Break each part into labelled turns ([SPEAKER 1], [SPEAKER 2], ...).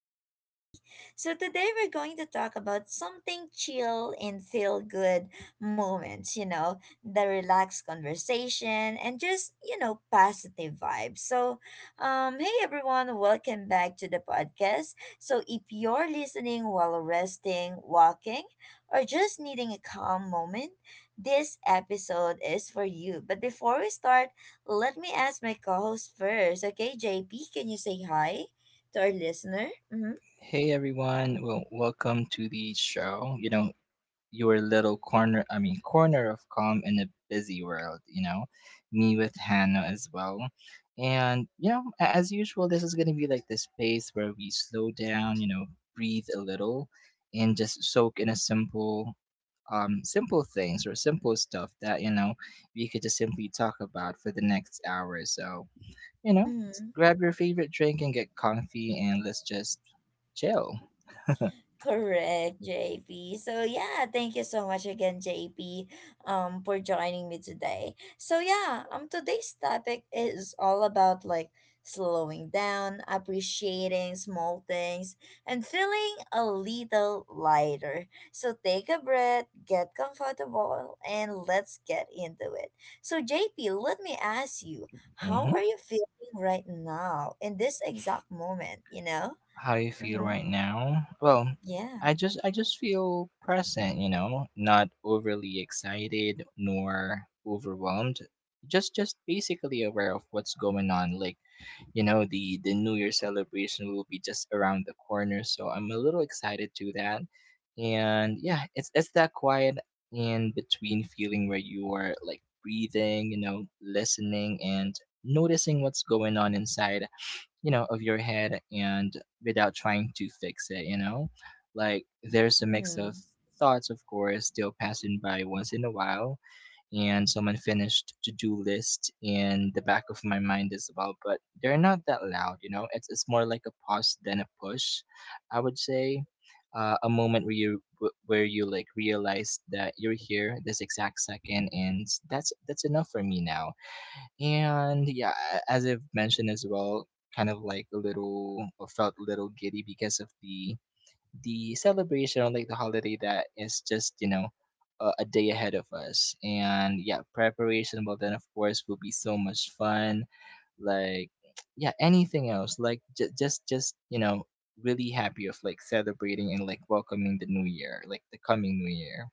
[SPEAKER 1] with JP. So today we're going to talk about something chill and feel good moments, you know, the relaxed conversation and just, you know, positive vibes. So hey, everyone. Welcome back to the podcast. So if you're listening while resting, walking, or just needing a calm moment, this episode is for you. But before we start, let me ask my co-host first. Okay, JP, can you say hi to our listener? Mm-hmm.
[SPEAKER 2] Hey everyone, well, welcome to the show. You know, your little corner, I mean, corner of calm in a busy world, you know, me with Hannah as well. And, you know, as usual, this is going to be like the space where we slow down, you know, breathe a little and just soak in a simple things or simple stuff that, you know, we could just simply talk about for the next hour or so. You know, just
[SPEAKER 1] Mm-hmm.
[SPEAKER 2] grab your favorite drink and get comfy and let's just chill.
[SPEAKER 1] Correct, JP. So yeah, thank you so much again, JP, for joining me today. So today's topic is all about like slowing down, appreciating small things, and feeling a little lighter. So take a breath, get comfortable, and let's get into it. So JP, let me ask you, how
[SPEAKER 2] hmm
[SPEAKER 1] are you feeling right now in this exact moment?
[SPEAKER 2] How you feel
[SPEAKER 1] Mm-hmm.
[SPEAKER 2] right now? Well,
[SPEAKER 1] Yeah.
[SPEAKER 2] I just feel present, you know, not overly excited nor overwhelmed. Just basically aware of what's going on. Like, you know, the new year celebration will be just around the corner, so I'm a little excited to that. And yeah, it's that quiet in between feeling where you are, like, breathing, you know, listening and noticing what's going on inside, you know, of your head, and without trying to fix it, you know, like there's a mix of
[SPEAKER 1] Mm-hmm.
[SPEAKER 2] thoughts, of course, still passing by once in a while, and some unfinished to-do list in the back of my mind as well, but they're not that loud. You know, it's more like a pause than a push, I would say. A moment where where you like realize that you're here this exact second, and that's enough for me now. And yeah, as I've mentioned as well, kind of like a little, or felt a little giddy because of the celebration, like the holiday that is just, you know, a day ahead of us. And yeah, preparation, well, then of course will be so much fun. Like, yeah, anything else, like, just, you know, really happy of, like, celebrating and like welcoming the new year, like the coming new year.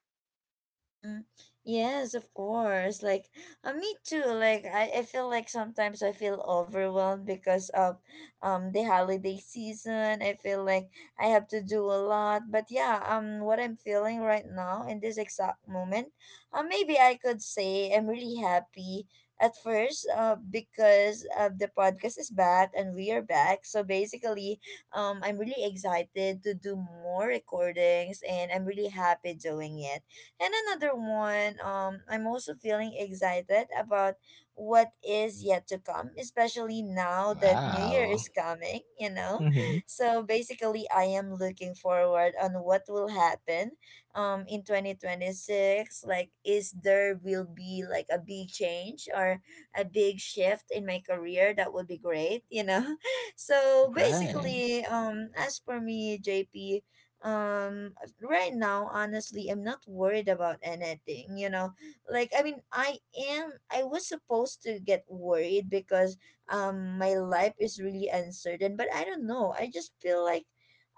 [SPEAKER 1] Mm. Yes, of course. Like, me too. Like, I feel like sometimes I feel overwhelmed because of the holiday season. I feel like I have to do a lot. But what I'm feeling right now in this exact moment, maybe I could say I'm really happy at first. Because the podcast is back and we are back. So basically, I'm really excited to do more recordings and I'm really happy doing it. And another one, I'm also feeling excited about what is yet to come, especially now that New Year
[SPEAKER 2] Wow.
[SPEAKER 1] is coming, you know.
[SPEAKER 2] Mm-hmm.
[SPEAKER 1] So basically, I am looking forward on what will happen in 2026. Like, is there will be like a big change or a big shift in my career? That would be great, you know. so
[SPEAKER 2] Right.
[SPEAKER 1] basically um as for me jp um right now, honestly, I'm not worried about anything, you know. Like, I mean, I was supposed to get worried because my life is really uncertain, but I don't know. I just feel like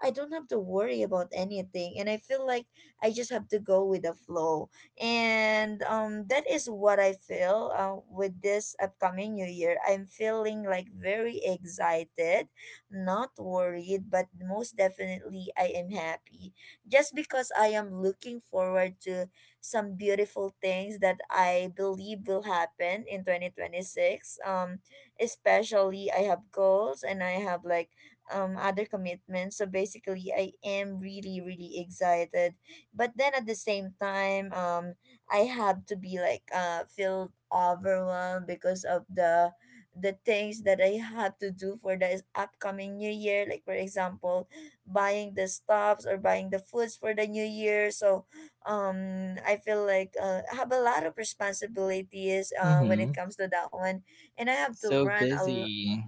[SPEAKER 1] I don't have to worry about anything, and I feel like I just have to go with the flow. And that is what I feel with this upcoming new year. I'm feeling like very excited, not worried, but most definitely I am happy just because I am looking forward to some beautiful things that I believe will happen in 2026. Especially I have goals and I have like other commitments. So basically, I am really, really excited. But then at the same time, I have to be like feel overwhelmed because of the things that I have to do for the upcoming new year. Like, for example, buying the stuffs or buying the foods for the new year. So I feel like I have a lot of responsibilities when
[SPEAKER 2] Mm-hmm.
[SPEAKER 1] it comes to that one, and I have to
[SPEAKER 2] So
[SPEAKER 1] run a,
[SPEAKER 2] busy.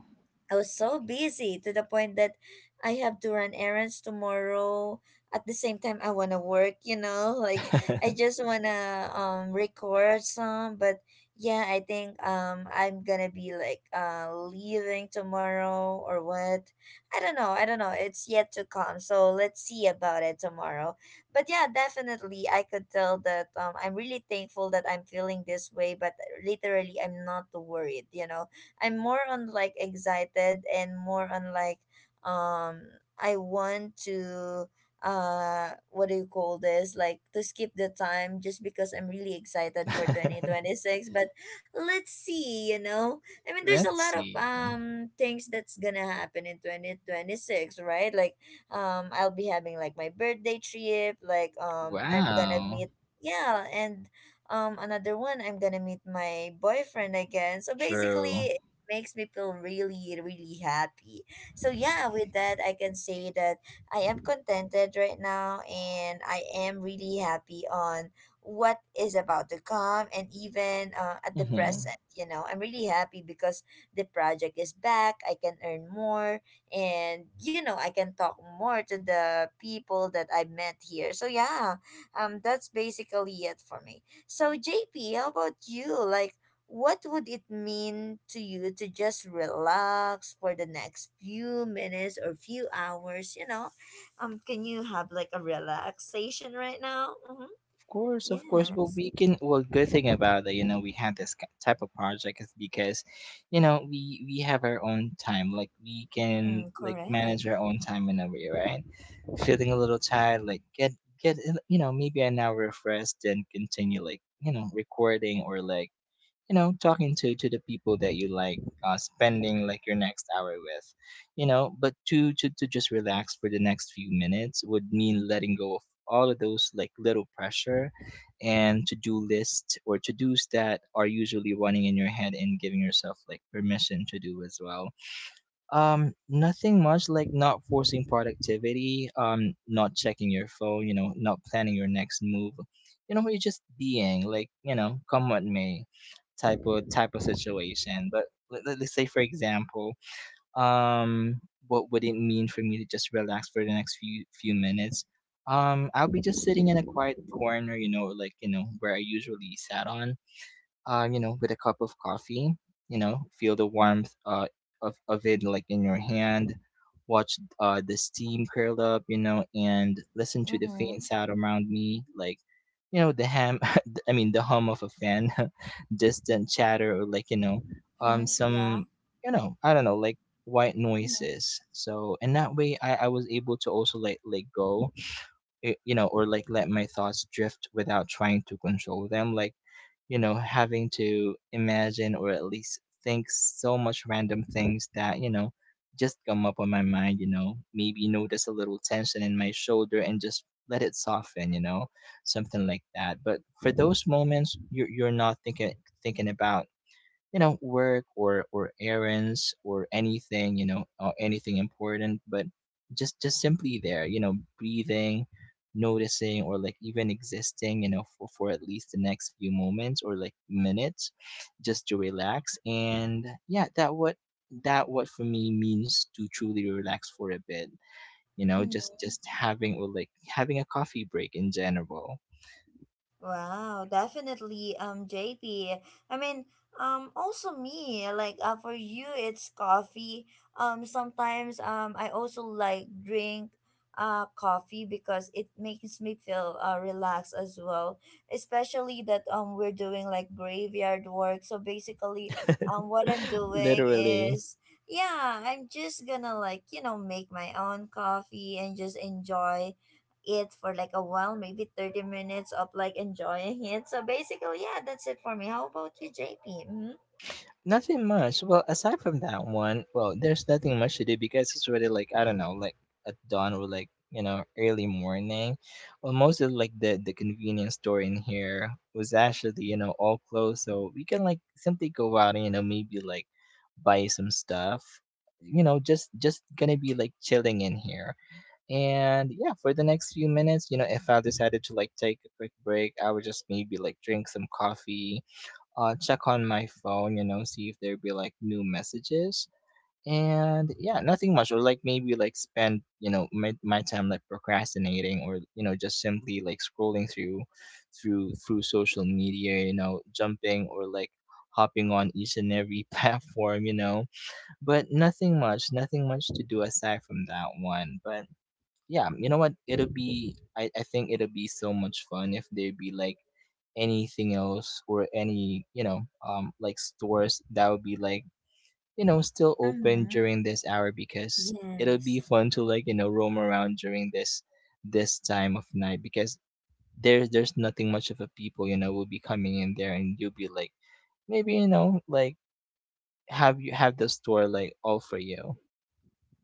[SPEAKER 1] I was so busy to the point that I have to run errands tomorrow. At the same time, I wanna work. You know, like, I just wanna record some. But yeah, I think I'm gonna be like leaving tomorrow or what? I don't know. I don't know. It's yet to come. So let's see about it tomorrow. But yeah, definitely, I could tell that I'm really thankful that I'm feeling this way. But literally, I'm not worried. You know, I'm more on like excited and more on like I want to what do you call this, like to skip the time just because I'm really excited for 2026. But let's see, you know. I mean, there's a
[SPEAKER 2] Let's
[SPEAKER 1] lot of
[SPEAKER 2] see.
[SPEAKER 1] things that's gonna happen in 2026, right? Like, I'll be having like my birthday trip, like, I'm gonna
[SPEAKER 2] Wow.
[SPEAKER 1] meet, yeah. And another one, I'm gonna meet my boyfriend again, so
[SPEAKER 2] True.
[SPEAKER 1] basically makes me feel really, really happy. So yeah, with that, I can say that I am contented right now, and I am really happy on what is about to come, and even at the
[SPEAKER 2] Mm-hmm.
[SPEAKER 1] present. You know, I'm really happy because the project is back. I can earn more, and you know, I can talk more to the people that I met here. So yeah, that's basically it for me. So JP, how about you? Like, what would it mean to you to just relax for the next few minutes or few hours, you know, can you have like a relaxation right now? Mm-hmm.
[SPEAKER 2] Of course, of course. Well,
[SPEAKER 1] Yes.
[SPEAKER 2] we can. Well, good thing about it, you know, we had this type of project is because, you know, we have our own time. Like, we can
[SPEAKER 1] Mm,
[SPEAKER 2] like
[SPEAKER 1] correct.
[SPEAKER 2] manage our own time in a way, right? Feeling a little tired, like, get, you know, maybe an hour of rest, then continue, like, you know, recording, or like, you know, talking to the people that you like spending like your next hour with, you know. But to just relax for the next few minutes would mean letting go of all of those like little pressure and to do lists or to do's that are usually running in your head, and giving yourself like permission to do as well. Nothing much, like, not forcing productivity, not checking your phone, you know, not planning your next move. You know, you're just being like, you know, come what may, type of situation. But, let's say, for example, um, what would it mean for me to just relax for the next few minutes? I'll be just sitting in a quiet corner, you know, like, you know, where I usually sat on, you know, with a cup of coffee, you know, feel the warmth of it, like, in your hand, watch, the steam curl up, you know, and listen to the
[SPEAKER 1] Mm-hmm.
[SPEAKER 2] faint sound around me, like, you know, the ham, I mean, the hum of a fan, distant chatter, or like, you know,
[SPEAKER 1] Mm-hmm. Yeah.
[SPEAKER 2] some, you know, I don't know, like, white
[SPEAKER 1] Mm-hmm.
[SPEAKER 2] noises. So, and that way I was able to also, like, let go, you know, or like let my thoughts drift without trying to control them. Like, you know, having to imagine or at least think so much random things that, you know, just come up on my mind, you know, maybe notice a little tension in my shoulder and just let it soften, you know, something like that. But for those moments, you're not thinking about, you know, work or errands or anything, you know, or anything important. But just simply there, you know, breathing, noticing, or, like, even existing, you know, for, at least the next few moments, or like minutes, just to relax. And yeah, that, what for me means to truly relax for a bit, you know, just
[SPEAKER 1] Mm-hmm.
[SPEAKER 2] just having, or like having a coffee break in general.
[SPEAKER 1] Wow, definitely, JP. I mean, also me, like, for you, it's coffee. Sometimes, I also like drink, coffee because it makes me feel, relaxed as well. Especially that, we're doing like graveyard work. So basically, what I'm doing
[SPEAKER 2] Literally.
[SPEAKER 1] is, yeah, I'm just gonna like, you know, make my own coffee and just enjoy it for like a while, maybe 30 minutes of like enjoying it. So basically, yeah, that's it for me. How about you, JP?
[SPEAKER 2] Nothing much. Well, aside from that one, well, there's nothing much to do, because it's already, like, I don't know, like, at dawn, or, like, you know, early morning. Well, most of, like, the convenience store in here was actually, you know, all closed, so we can, like, simply go out and, you know, maybe like buy some stuff. You know, just gonna be like chilling in here. And yeah, for the next few minutes, you know, if I decided to like take a quick break, I would just maybe like drink some coffee, check on my phone, you know, see if there be like new messages. And yeah, nothing much. Or, like, maybe like spend, you know, my time like procrastinating, or, you know, just simply like scrolling through through social media, you know, jumping, or like hopping on each and every platform, you know. But nothing much, nothing much to do aside from that one. But yeah, you know what? I think it'll be so much fun if there be like anything else, or any, you know, like, stores that would be like, you know, still
[SPEAKER 1] Mm-hmm.
[SPEAKER 2] open
[SPEAKER 1] Mm-hmm.
[SPEAKER 2] during this hour, because it'll be
[SPEAKER 1] Yes.
[SPEAKER 2] fun to like, you know, roam around during this time of night, because there's nothing much of a people, you know, will be coming in there, and you'll be like, maybe, you know, like, have you have the store like all for you.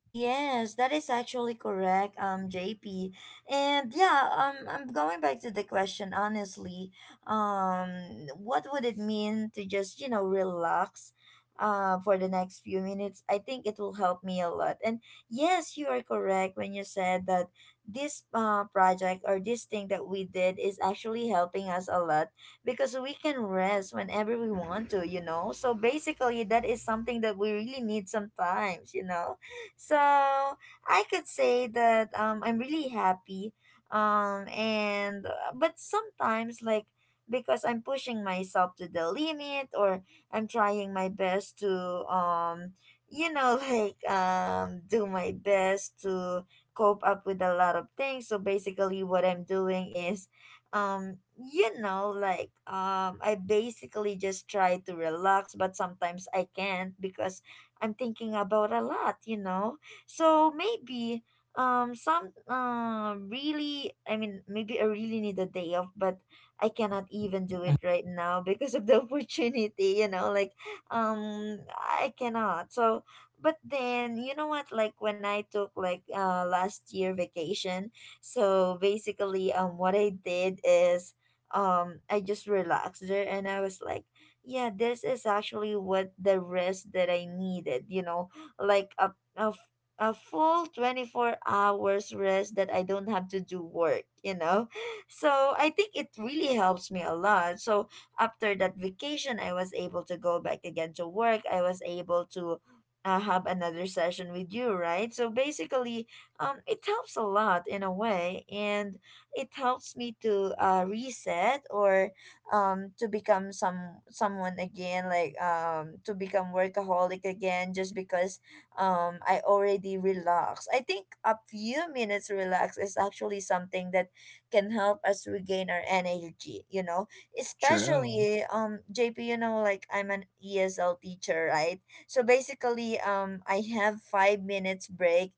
[SPEAKER 1] Yes, that is actually correct, JP. And yeah, I'm going back to the question, honestly. What would it mean to just, you know, relax for the next few minutes? I think it will help me a lot. And yes, you are correct when you said that this project or this thing that we did is actually helping us a lot because we can rest whenever we want to, you know? So basically, that is something that we really need sometimes, you know? So I could say that I'm really happy. And but sometimes, like, because I'm pushing myself to the limit or I'm trying my best to um you know like do my best to cope up with a lot of things. So basically what I'm doing is you know like I basically just try to relax, but sometimes I can't because I'm thinking about a lot, you know. So maybe some really, I mean, maybe I really need a day off, but I cannot even do it right now because of the opportunity, you know, like I cannot. So but then, you know what, like when I took like last year vacation, so basically what I did is I just relaxed there, and I was like, yeah, this is actually what the rest that I needed, you know, like a, f- a full 24 hours rest that I don't have to do work, you know. So I think it really helps me a lot. So after that vacation, I was able to go back again to work. I was able to have another session with you, right? So basically, it helps a lot in a way, and it helps me to reset or to become someone again, like to become workaholic again just because I already relax. I think a few minutes relax is actually something that can help us regain our energy, you know.
[SPEAKER 2] True.
[SPEAKER 1] Especially JP, you know, like I'm an ESL teacher, right? So basically I have 5 minutes break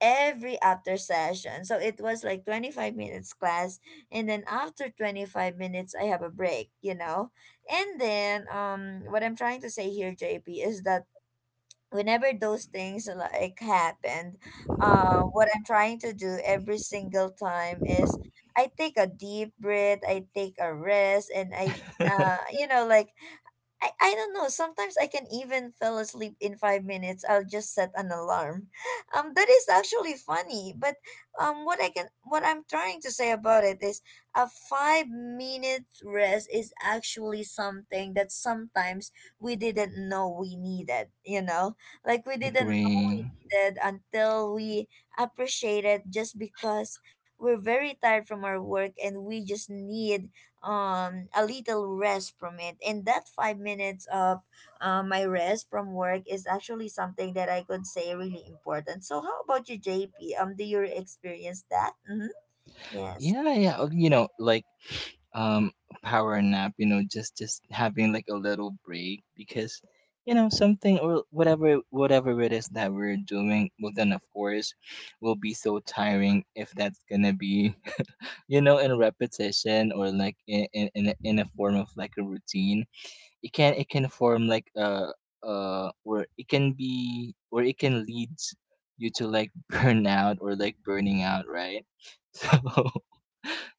[SPEAKER 1] every after session. So it was like 25 minutes class, and then after 25 minutes I have a break, you know. And then what I'm trying to say here, JP, is that whenever those things like happened, what I'm trying to do every single time is I take a deep breath, I take a rest, and I you know like I don't know. Sometimes I can even fell asleep in 5 minutes. I'll just set an alarm. That is actually funny. But what I can what I'm trying to say about it is a 5 minute rest is actually something that sometimes we didn't know we needed. You know, like, we didn't
[SPEAKER 2] Agree.
[SPEAKER 1] exhausted until we appreciate it just because we're very tired from our work and we just need a little rest from it. And that 5 minutes of my rest from work is actually something that I could say really important. So how about you, JP? Do you experience that? Mm-hmm. Yes.
[SPEAKER 2] Yeah, yeah. Oh, you know, like, um power nap, you know, just having like a little break, because, you know, something, or whatever it is that we're doing, well, then, of course, will be so tiring if that's gonna be, you know, in repetition, or like, in a form of like a routine. It can form like a, where it can lead you to, like, burnout, or like burning out, right. So,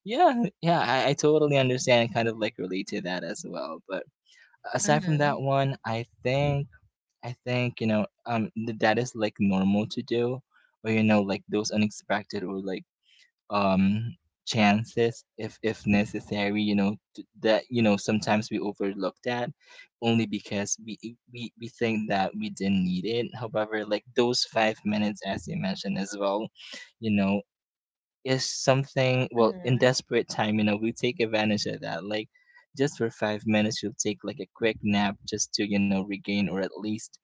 [SPEAKER 2] yeah, I totally understand and kind of like relate to that as well. But aside from that
[SPEAKER 1] Mm-hmm.
[SPEAKER 2] one, I think, you know, that is like normal to do, or you know, like, those unexpected, or like, um chances, if necessary. You know, that, you know, sometimes we overlook that only because we think that we didn't need it. However, like, those 5 minutes, as you mentioned as well, you know, is something, well, in
[SPEAKER 1] Mm-hmm.
[SPEAKER 2] desperate time, you know, we take advantage of that, like, just for 5 minutes, you'll take like a quick nap, just to, you know, regain, or at least,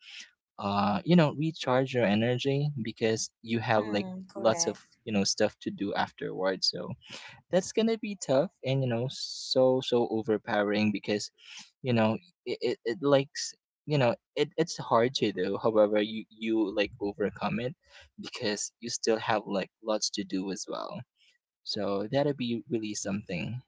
[SPEAKER 2] you know, recharge your energy, because you have, like,
[SPEAKER 1] Mm,
[SPEAKER 2] lots of,
[SPEAKER 1] correct.
[SPEAKER 2] you know, stuff to do afterwards. So that's gonna be tough, and, you know, so overpowering, because, you know, it likes, you know, it's hard to do, however, you like overcome it, because you still have like lots to do as well, so that'll be really something.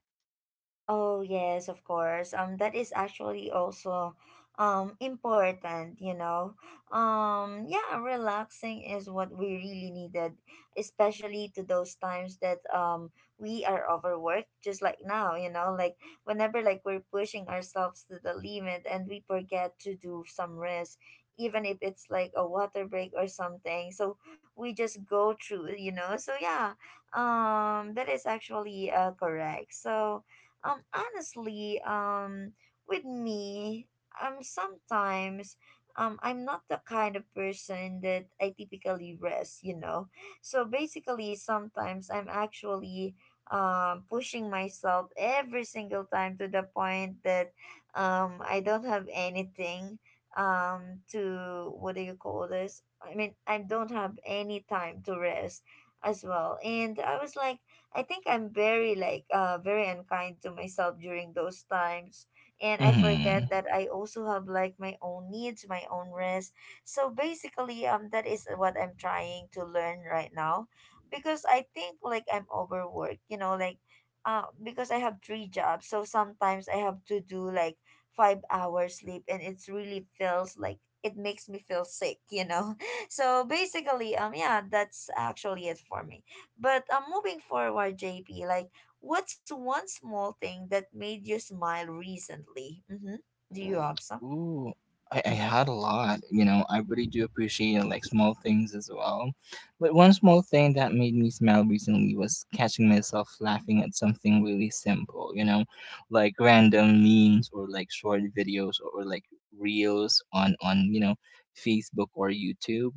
[SPEAKER 1] Oh yes, of course. That is actually also important, you know. Yeah, relaxing is what we really needed, especially to those times that we are overworked, just like now, you know, like whenever like we're pushing ourselves to the limit and we forget to do some rest, even if it's like a water break or something. So we just go through, you know. So yeah, that is actually correct. So honestly, with me, sometimes, I'm not the kind of person that I typically rest, you know. So basically, sometimes I'm actually, pushing myself every single time to the point that, I don't have anything, to what do you call this? I mean, I don't have any time to rest as well. And I was like, I think I'm very like very unkind to myself during those times and I
[SPEAKER 2] hmm
[SPEAKER 1] forget that I also have like my own needs, my own rest. So basically that is what I'm trying to learn right now because I think like I'm overworked, you know, like because I have three jobs. So sometimes I have to do like 5 hours sleep and it's really feels like it makes me feel sick, you know. So basically yeah, that's actually it for me. But moving forward, JP, like, what's one small thing that made you smile recently? Mm-hmm. Do you have some?
[SPEAKER 2] Ooh, I had a lot. You know, I really do appreciate like small things as well. But one small thing that made me smile recently was catching myself laughing at something really simple, you know, like random memes, or like short videos, or like reels on you know, Facebook or YouTube.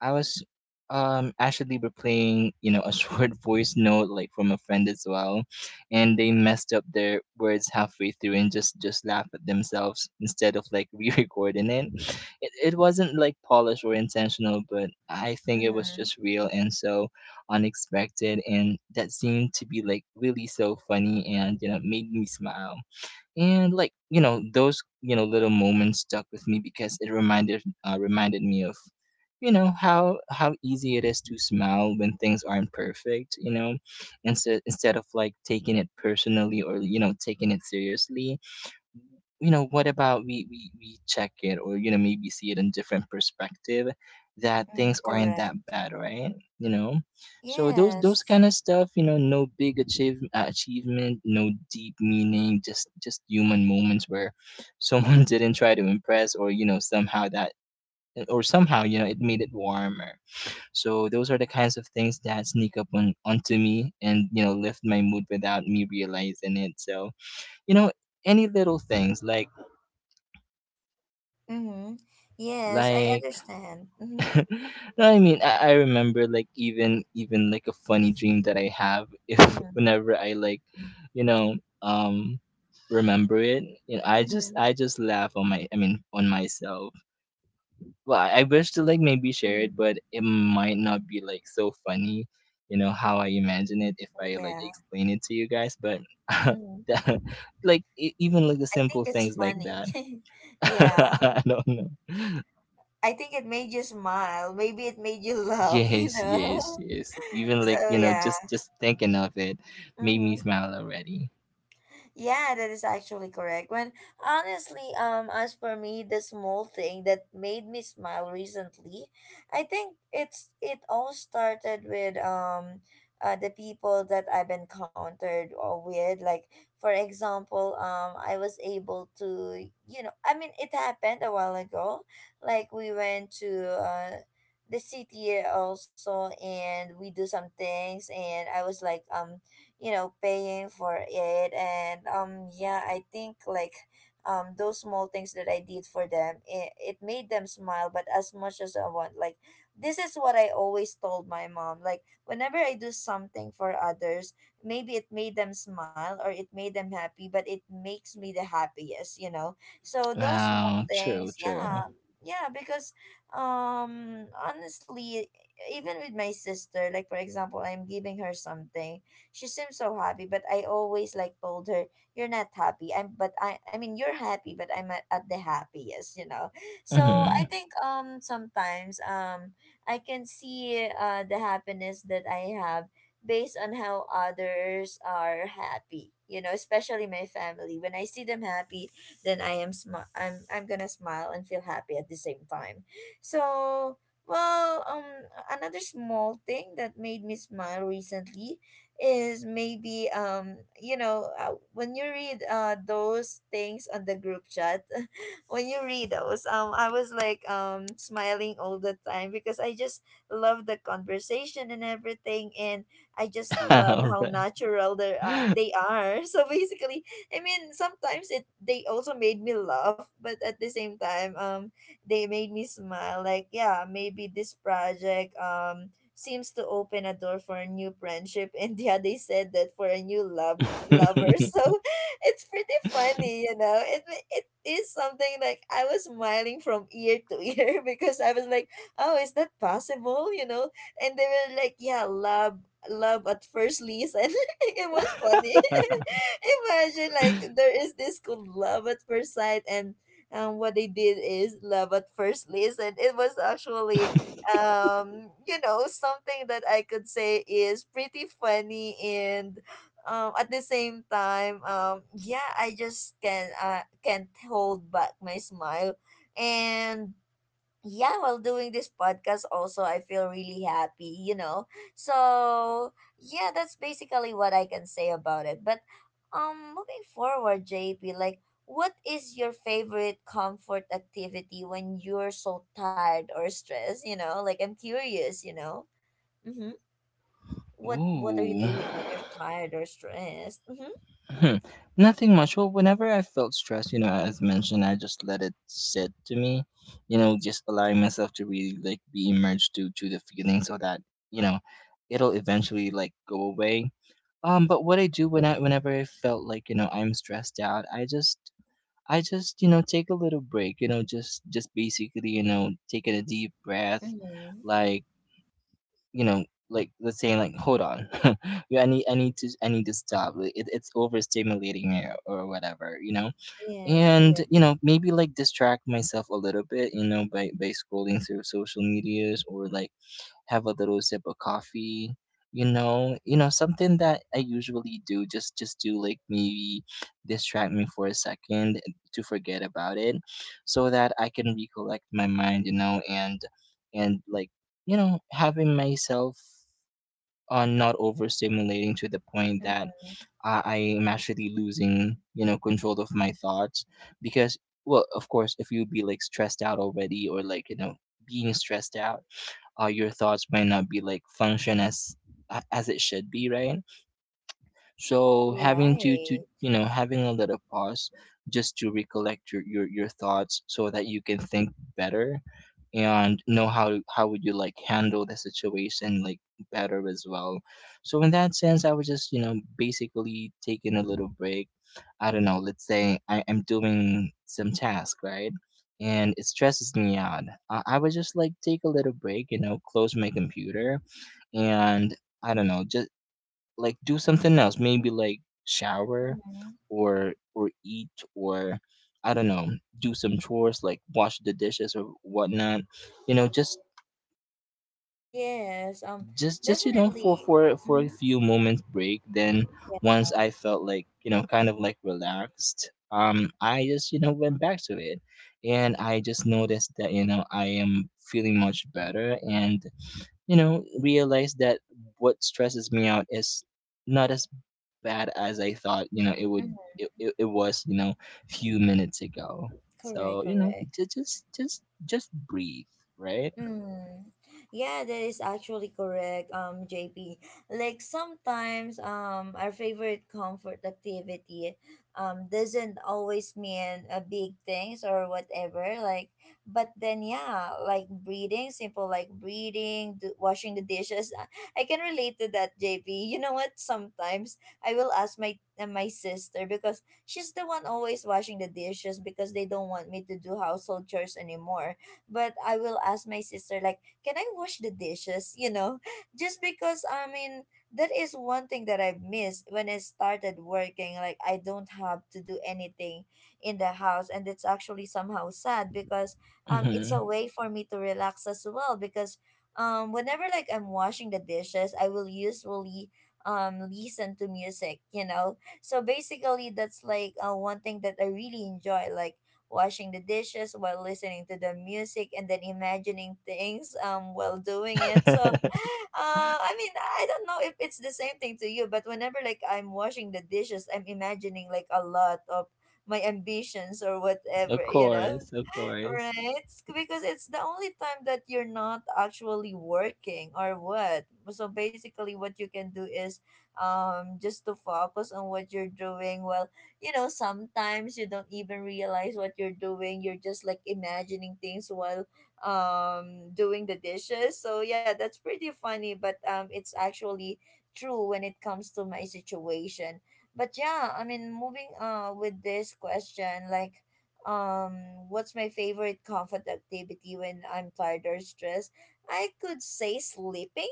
[SPEAKER 2] I was actually replaying, you know, a short voice note like from a friend as well, and they messed up their words halfway through and just laugh at themselves instead of like re-recording it. It wasn't like polished or intentional, but I think it was
[SPEAKER 1] Mm-hmm.
[SPEAKER 2] just real and so unexpected, and that seemed to be like really so funny and you know made me smile. And like you know those you know little moments stuck with me because it reminded reminded me of you know how easy it is to smile when things aren't perfect, you know. Instead of like taking it personally or you know taking it seriously, you know what about we check it, or you know maybe see it in different perspective, that
[SPEAKER 1] Mm,
[SPEAKER 2] things aren't that
[SPEAKER 1] correct.
[SPEAKER 2] bad, right? You know, so those
[SPEAKER 1] Yes.
[SPEAKER 2] kind of stuff, you know, no big achievement, no deep meaning, just human moments where someone didn't try to impress, or you know somehow that, or somehow you know it made it warmer. So those are the kinds of things that sneak up on onto me and you know lift my mood without me realizing it. So you know, any little things like
[SPEAKER 1] Mm-hmm. Yes, I
[SPEAKER 2] Like,
[SPEAKER 1] understand. Mm-hmm.
[SPEAKER 2] no, I mean, I remember like even like a funny dream that I have if
[SPEAKER 1] Mm-hmm.
[SPEAKER 2] whenever I like, you know, um, remember it, you know, I just
[SPEAKER 1] Mm-hmm.
[SPEAKER 2] I just laugh on my, I mean on myself. Well, I wish to like maybe share it,
[SPEAKER 1] Mm-hmm.
[SPEAKER 2] but it might not be like so funny, you know, how I imagine it if I like
[SPEAKER 1] Yeah.
[SPEAKER 2] explain it to you guys. But
[SPEAKER 1] Mm-hmm.
[SPEAKER 2] that, like even like the
[SPEAKER 1] I think
[SPEAKER 2] simple
[SPEAKER 1] it's
[SPEAKER 2] things like
[SPEAKER 1] funny.
[SPEAKER 2] that,
[SPEAKER 1] Yeah.
[SPEAKER 2] I don't know.
[SPEAKER 1] I think it made you smile. Maybe it made you laugh, you
[SPEAKER 2] Yes, yes,
[SPEAKER 1] know?
[SPEAKER 2] yes. Even like,
[SPEAKER 1] So,
[SPEAKER 2] you know,
[SPEAKER 1] yeah.
[SPEAKER 2] just thinking of it made me
[SPEAKER 1] Mm-hmm.
[SPEAKER 2] smile already.
[SPEAKER 1] Yeah, that is actually correct. When honestly, as for me, the small thing that made me smile recently, I think it's it all started with the people that I've encountered or with. Like for example, I was able to, you know, I mean, it happened a while ago. Like we went to the city also and we do some things and I was like you know paying for it and yeah I think like those small things that I did for them, it made them smile but as much as I want like this is what I always told my mom, like whenever I do something for others maybe it made them smile or it made them happy but it makes me the happiest, you know. So those small
[SPEAKER 2] Wow, true,
[SPEAKER 1] things,
[SPEAKER 2] true.
[SPEAKER 1] yeah. Yeah, because honestly even with my sister, like for example I'm giving her something, she seems so happy but I always like told her, "You're not happy, I'm but I mean you're happy but I'm at the happiest," you know. So
[SPEAKER 2] Mhm.
[SPEAKER 1] I think sometimes I can see the happiness that I have based on how others are happy, you know, especially my family. When I see them happy, then I am I'm gonna smile and feel happy at the same time. So, well, another small thing that made me smile recently is maybe you know when you read those things on the group chat. When you read those, I was like smiling all the time because I just love the conversation and everything, and I just love
[SPEAKER 2] All
[SPEAKER 1] how
[SPEAKER 2] right.
[SPEAKER 1] natural they are. So basically I mean sometimes it they also made me laugh but at the same time they made me smile. Like, yeah, maybe this project seems to open a door for a new friendship and yeah they said that for a new lover. So it's pretty funny, you know. It is something like I was smiling from ear to ear because I was like, oh, is that possible, you know? And they were like, yeah, love at first listen. It was funny. Imagine like there is this called love at first sight, and what they did is love at first listen. It was actually you know something that I could say is pretty funny, and at the same time yeah I just can't hold back my smile. And yeah, while doing this podcast, also, I feel really happy, you know? So, yeah, that's basically what I can say about it. But, moving forward, JP, like, what is your favorite comfort activity when you're so tired or stressed, you know? Like, I'm curious, you know? Mm-hmm. What are you
[SPEAKER 2] Ooh.
[SPEAKER 1] doing when you're tired or stressed? Mm-hmm.
[SPEAKER 2] Hmm. Nothing much. Well, whenever I felt stressed, you know, as mentioned, I just let it sit to me, you know, just allowing myself to really like be immersed to the feeling so that, you know, it'll eventually like go away. But what I do when I whenever I felt like, you know, I'm stressed out, I just, you know, take a little break, you know, just basically, you know, taking a deep breath,
[SPEAKER 1] Mm-hmm.
[SPEAKER 2] like, you know, like let's say like hold on. Yeah, I need to, I need to stop. Like, it's overstimulating me or whatever, you know.
[SPEAKER 1] Yes,
[SPEAKER 2] And,
[SPEAKER 1] correct.
[SPEAKER 2] you know, maybe like distract myself a little bit, you know, by scrolling through social medias, or like have a little sip of coffee, you know, something that I usually do just to like maybe distract me for a second, to forget about it, so that I can recollect my mind, you know, and like, you know, having myself not overstimulating to the point that
[SPEAKER 1] Mm-hmm.
[SPEAKER 2] I am actually losing, you know, control of my thoughts. Because, well, of course, if you be like stressed out already, or like, you know, being stressed out, your thoughts might not be like function as as it should be, right? So having to
[SPEAKER 1] Right.
[SPEAKER 2] you know having a little pause, just to recollect your your thoughts so that you can think better and know how would you like handle the situation like better as well. So in that sense, I was just you know basically taking a little break. I don't know. Let's say I'm doing some task, right? And it stresses me out. I would just like take a little break, you know, close my computer, and I don't know, just like do something else, maybe like shower,
[SPEAKER 1] Mhm.
[SPEAKER 2] or eat, or I don't know, do some chores like wash the dishes or whatnot, you know,
[SPEAKER 1] Yes,
[SPEAKER 2] just you know
[SPEAKER 1] definitely.
[SPEAKER 2] for a
[SPEAKER 1] Mm-hmm.
[SPEAKER 2] few moments break. Then
[SPEAKER 1] Yeah.
[SPEAKER 2] once I felt like you know kind of like relaxed, um, I just you know went back to it, and I just noticed that you know I am feeling much better, and you know realized that what stresses me out is not as bad as I thought, you know, it would,
[SPEAKER 1] Mm-hmm.
[SPEAKER 2] it was, you know, few minutes ago.
[SPEAKER 1] Correct,
[SPEAKER 2] So, you know,
[SPEAKER 1] correct.
[SPEAKER 2] just breathe, right?
[SPEAKER 1] Mm. Yeah, that is actually correct, JP. Like sometimes our favorite comfort activity doesn't always mean a big things or whatever. Like, but then yeah, like breathing, simple like breathing, washing the dishes. I can relate to that, JP. You know what? Sometimes I will ask my my sister because she's the one always washing the dishes because they don't want me to do household chores anymore, but I will ask my sister like, "Can I wash the dishes?" You know, just because I mean that is one thing that I've missed when I started working. Like I don't have to do anything in the house, and it's actually somehow sad because it's a
[SPEAKER 2] Hmm.
[SPEAKER 1] way for me to relax as well because whenever like I'm washing the dishes, I will usually listen to music, you know. So basically that's like one thing that I really enjoy, like washing the dishes while listening to the music and then imagining things while doing it. So I mean, I don't know if it's the same thing to you, but whenever like I'm washing the dishes, I'm imagining like a lot of my ambitions or whatever,
[SPEAKER 2] Of
[SPEAKER 1] you know.
[SPEAKER 2] course, of course.
[SPEAKER 1] Right? It's because it's the only time that you're not actually working or what. So basically what you can do is just to focus on what you're doing. Well, you know, sometimes you don't even realize what you're doing. You're just like imagining things while doing the dishes. So yeah, that's pretty funny, but it's actually true when it comes to my situation. But yeah, I mean moving with this question, like um, what's my favorite comfort activity when I'm tired or stressed? I could say sleeping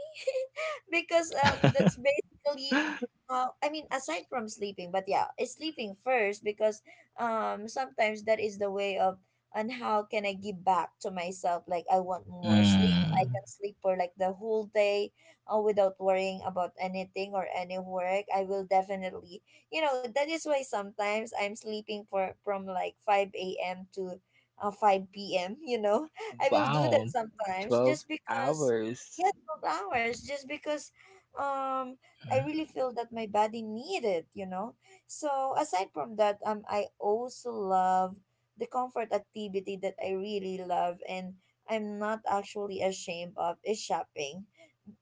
[SPEAKER 1] because that's basically I mean aside from sleeping, but yeah, it's sleeping first because sometimes that is the way of and how can I give back to myself? Like I want more sleep. I
[SPEAKER 2] Mm.
[SPEAKER 1] can sleep for like the whole day without worrying about anything or any work. I will definitely, you know, that is why sometimes I'm sleeping for from like five a.m. to five p.m. You know, I will do that
[SPEAKER 2] Wow,
[SPEAKER 1] sometimes
[SPEAKER 2] 12
[SPEAKER 1] just because
[SPEAKER 2] hours.
[SPEAKER 1] hours just because um I really feel that my body needed, you know. So aside from that, I also love the comfort activity that I really love and I'm not actually ashamed of is shopping.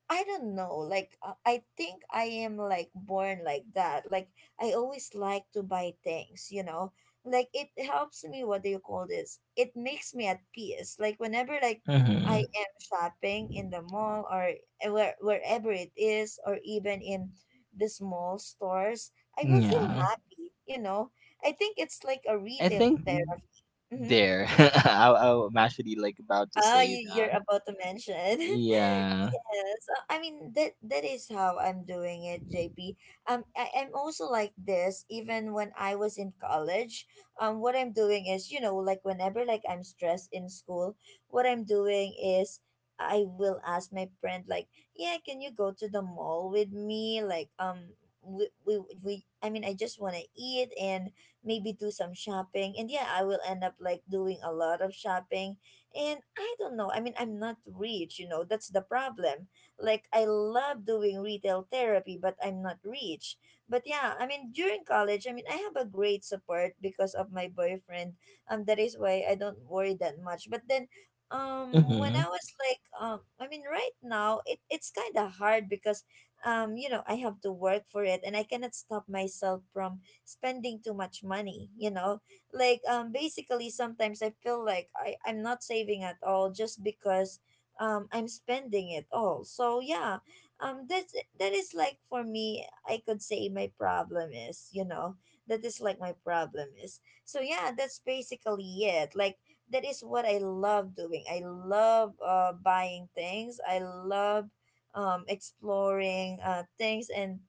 [SPEAKER 1] I don't know. Like I think I am like born like that. Like I always like to buy things, you know. Like it helps me. What do you call this? It makes me at peace. Like whenever like I
[SPEAKER 2] Mm-hmm.
[SPEAKER 1] am shopping in the mall or eh, wherever it is, or even in the small stores, I will feel
[SPEAKER 2] Yeah.
[SPEAKER 1] happy, you know. I think it's like a
[SPEAKER 2] I
[SPEAKER 1] retail
[SPEAKER 2] think
[SPEAKER 1] therapy. Mm-hmm.
[SPEAKER 2] there. I'm actually like about to
[SPEAKER 1] Oh,
[SPEAKER 2] say
[SPEAKER 1] you're
[SPEAKER 2] that.
[SPEAKER 1] about to mention.
[SPEAKER 2] Yeah.
[SPEAKER 1] Yes, I mean that is how I'm doing it, JP. I am also like this even when I was in college. What I'm doing is, you know, like whenever like I'm stressed in school, what I'm doing is I will ask my friend like, "Yeah, can you go to the mall with me?" Like, we I mean, I just want to eat and maybe do some shopping. And yeah, I will end up like doing a lot of shopping and I don't know. I mean, I'm not rich, you know, that's the problem. Like, I love doing retail therapy, but I'm not rich. But yeah, I mean, during college, I mean, I have a great support because of my boyfriend. That is why I don't worry that much. But then, when
[SPEAKER 2] Mm-hmm.
[SPEAKER 1] I was like, I mean, right now, it's kind of hard because, you know, I have to work for it and I cannot stop myself from spending too much money like basically sometimes I feel like I'm not saving at all just because I'm spending it all, so yeah. That's that is like for me. I could say my problem is, that is like my problem is. So yeah, that's basically it. Like, that is what I love doing. I love buying things. I love exploring things, and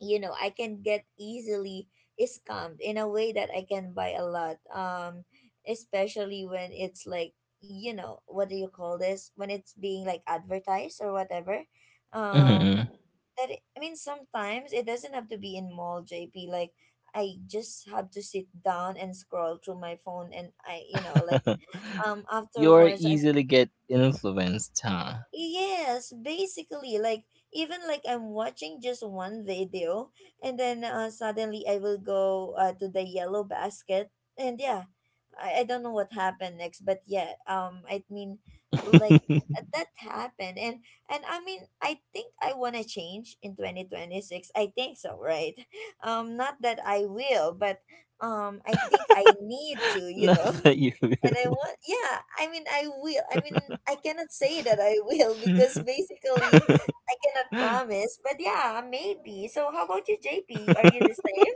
[SPEAKER 1] you know, I can get easily scammed in a way that I can buy a lot. Especially when it's like, you know, what do you call this, when it's being like advertised or whatever. um
[SPEAKER 2] Mm-hmm.
[SPEAKER 1] that it, I mean sometimes it doesn't have to be in mall, JP. Like, I just have to sit down and scroll through my phone and I, you know, like
[SPEAKER 2] You're
[SPEAKER 1] afterwards I'm.
[SPEAKER 2] easily get influenced, huh?
[SPEAKER 1] Yes, basically, like even like I'm watching just one video, and then suddenly I will go to the yellow basket, and yeah, I don't know what happened next, but yeah, I mean, like that happened, and I mean, I think I wanna change in 2026. I think so, right? Not that I will, but I think I need to, you
[SPEAKER 2] Not
[SPEAKER 1] know,
[SPEAKER 2] that you
[SPEAKER 1] and I
[SPEAKER 2] will.
[SPEAKER 1] want, yeah, I mean, I will. I mean, I cannot say that I will because basically I cannot promise, but yeah, maybe. So, how about you, JP? Are you the same?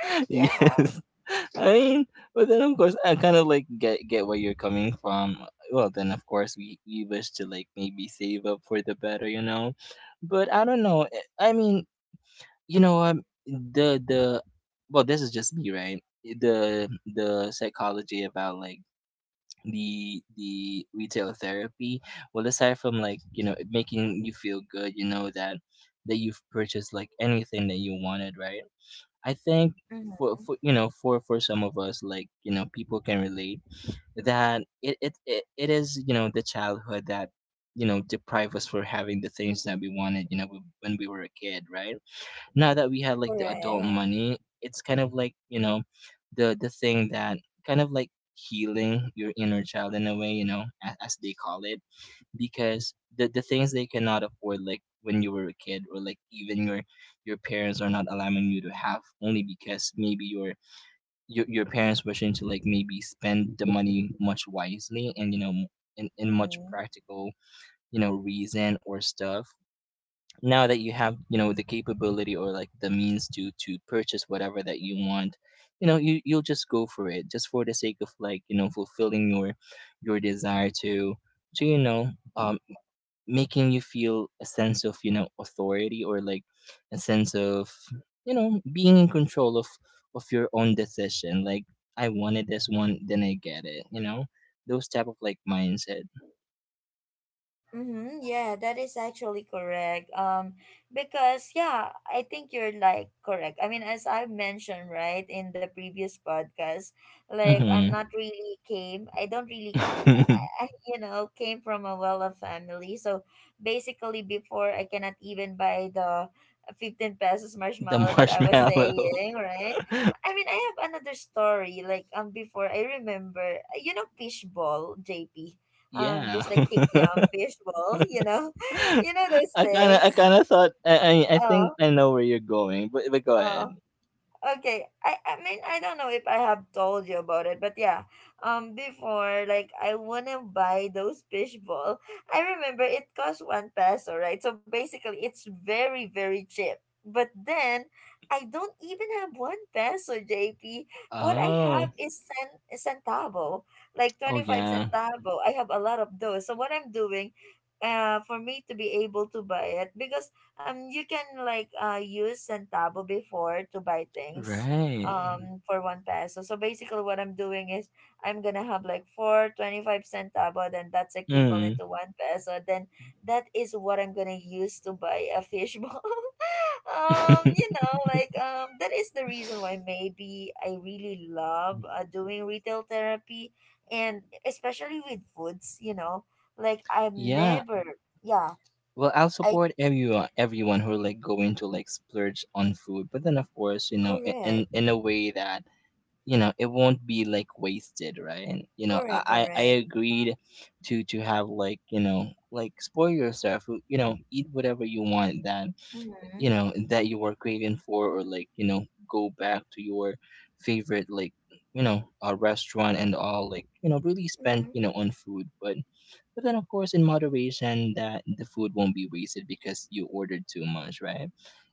[SPEAKER 1] Yeah.
[SPEAKER 2] Yes. I mean, but then of course I kind of like get where you're coming from. Well, then of course we wish to like maybe save up for the better, you know. But I don't know. I mean, you know, the, well, this is just me, right? The psychology about like the retail therapy, well aside from like you know it making you feel good, you know, that that you've purchased like anything that you wanted, right? I think
[SPEAKER 1] Mm-hmm.
[SPEAKER 2] for you know for some of us, like you know people can relate, that it is you know the childhood that you know deprive us for having the things that we wanted, you know, when we were a kid, right? Now that we have like the adult
[SPEAKER 1] Correct.
[SPEAKER 2] money, it's kind of like, you know, the thing that kind of like healing your inner child in a way, you know, as they call it, because the things they cannot afford like when you were a kid, or like even your, parents are not allowing you to have, only because maybe your your parents wishing to like maybe spend the money much wisely, and you know in much
[SPEAKER 1] Mm-hmm.
[SPEAKER 2] practical, you know reason or stuff, now that you have you know the capability or like the means to purchase whatever that you want, you know you you'll just go for it just for the sake of like you know fulfilling your desire to you know, um, making you feel a sense of, you know, authority, or like a sense of, you know, being in control of your own decision, like I wanted this one then I get it, you know, those type of like mindset.
[SPEAKER 1] Mm-hmm. Yeah, that is actually correct. Because yeah, I think you're like correct. I mean, as I mentioned right in the previous podcast, like I'm
[SPEAKER 2] Hmm.
[SPEAKER 1] not really came. I don't really, you know, came from a well-off family. So basically, before I cannot even buy the 15 pesos
[SPEAKER 2] The
[SPEAKER 1] marshmallow that I was
[SPEAKER 2] marshmallow.
[SPEAKER 1] saying, right? I mean, I have another story. Like before I remember, you know, fishball, JP,
[SPEAKER 2] Yeah.
[SPEAKER 1] just like kikiam, fishbowl, you know, you know those
[SPEAKER 2] I kind of, I
[SPEAKER 1] things.
[SPEAKER 2] kind of thought I think
[SPEAKER 1] Oh,
[SPEAKER 2] I know where you're going, but go ahead.
[SPEAKER 1] oh, okay. I mean, I don't know if I have told you about it, but yeah, before, like I wanna buy those fishball. I remember it cost one peso, right? So basically it's very very cheap, but then I don't even have one peso, JP. What I have
[SPEAKER 2] Oh.
[SPEAKER 1] is centavo, like
[SPEAKER 2] Oh
[SPEAKER 1] 25
[SPEAKER 2] yeah.
[SPEAKER 1] centavo. I have a lot of those. So what I'm doing for me to be able to buy it, because you can like use centavo before to buy things
[SPEAKER 2] Right.
[SPEAKER 1] for one peso. So basically what I'm doing is I'm gonna have like 4 25 centavo, then that's equivalent
[SPEAKER 2] Mm.
[SPEAKER 1] to one peso, then that is what I'm gonna use to buy a fishbowl. You know like, that is the reason why maybe I really love doing retail therapy, and especially with foods, you know, like I've
[SPEAKER 2] Yeah.
[SPEAKER 1] never. Yeah.
[SPEAKER 2] Well, I'll
[SPEAKER 1] I
[SPEAKER 2] support everyone everyone who are like going to like splurge on food, but then of course, you know,
[SPEAKER 1] correct.
[SPEAKER 2] in a way that you know it won't be like wasted, right? And, you know,
[SPEAKER 1] Correct,
[SPEAKER 2] I
[SPEAKER 1] correct.
[SPEAKER 2] agreed to have like you know like spoil yourself, you know, eat whatever you want, that
[SPEAKER 1] Mm-hmm.
[SPEAKER 2] you know that you are craving for, or like you know go back to your favorite like you know a restaurant and all, like you know really spend
[SPEAKER 1] Mm-hmm.
[SPEAKER 2] you know on food. But then of course in moderation, that the food won't be wasted because you ordered too much, right?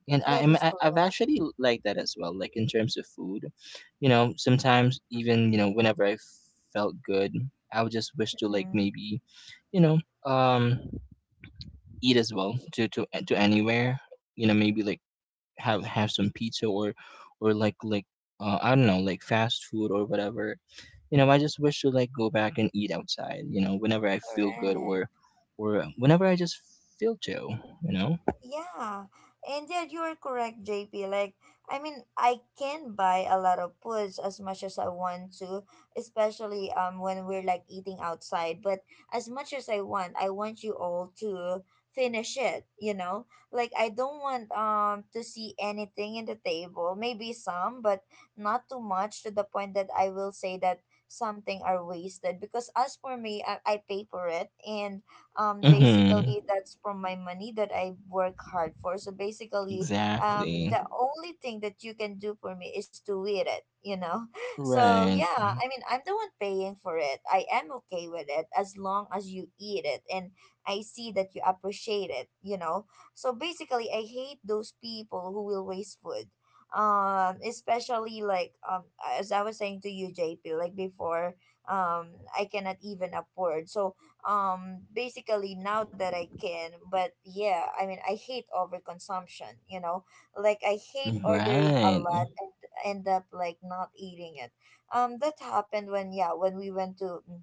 [SPEAKER 2] And I
[SPEAKER 1] That
[SPEAKER 2] am,
[SPEAKER 1] is
[SPEAKER 2] I've
[SPEAKER 1] correct.
[SPEAKER 2] actually liked that as well, like in terms of food, you know, sometimes even you know whenever I felt good, I would just wish to like
[SPEAKER 1] Mm-hmm.
[SPEAKER 2] maybe, you know, um, eat as well to anywhere, you know, maybe like have some pizza, or like, I don't know, like fast food or whatever. You know, I just wish to like go back and eat outside. You know, whenever I feel good,
[SPEAKER 1] Correct.
[SPEAKER 2] or whenever I just feel to. You know.
[SPEAKER 1] Yeah, and yet you are correct, JP. Like, I mean, I can buy a lot of foods as much as I want to, especially when we're like eating outside. But as much as I want you all to finish it. You know, like I don't want to see anything in the table. Maybe some, but not too much to the point that I will say that something are wasted. Because as for me, I pay for it, and
[SPEAKER 2] Mm-hmm.
[SPEAKER 1] basically that's from my money that I work hard for. So basically,
[SPEAKER 2] Exactly.
[SPEAKER 1] the only thing that you can do for me is to eat it, you know. So
[SPEAKER 2] Right.
[SPEAKER 1] yeah, I mean I'm the one paying for it. I am okay with it as long as you eat it and I see that you appreciate it, you know. So basically I hate those people who will waste food. Especially like as I was saying to you, JP, like before I cannot even afford. So basically now that I can. But yeah, I mean I hate overconsumption, you know, like I hate ordering a
[SPEAKER 2] Right.
[SPEAKER 1] lot and end up like not eating it. That happened when, yeah, when we went to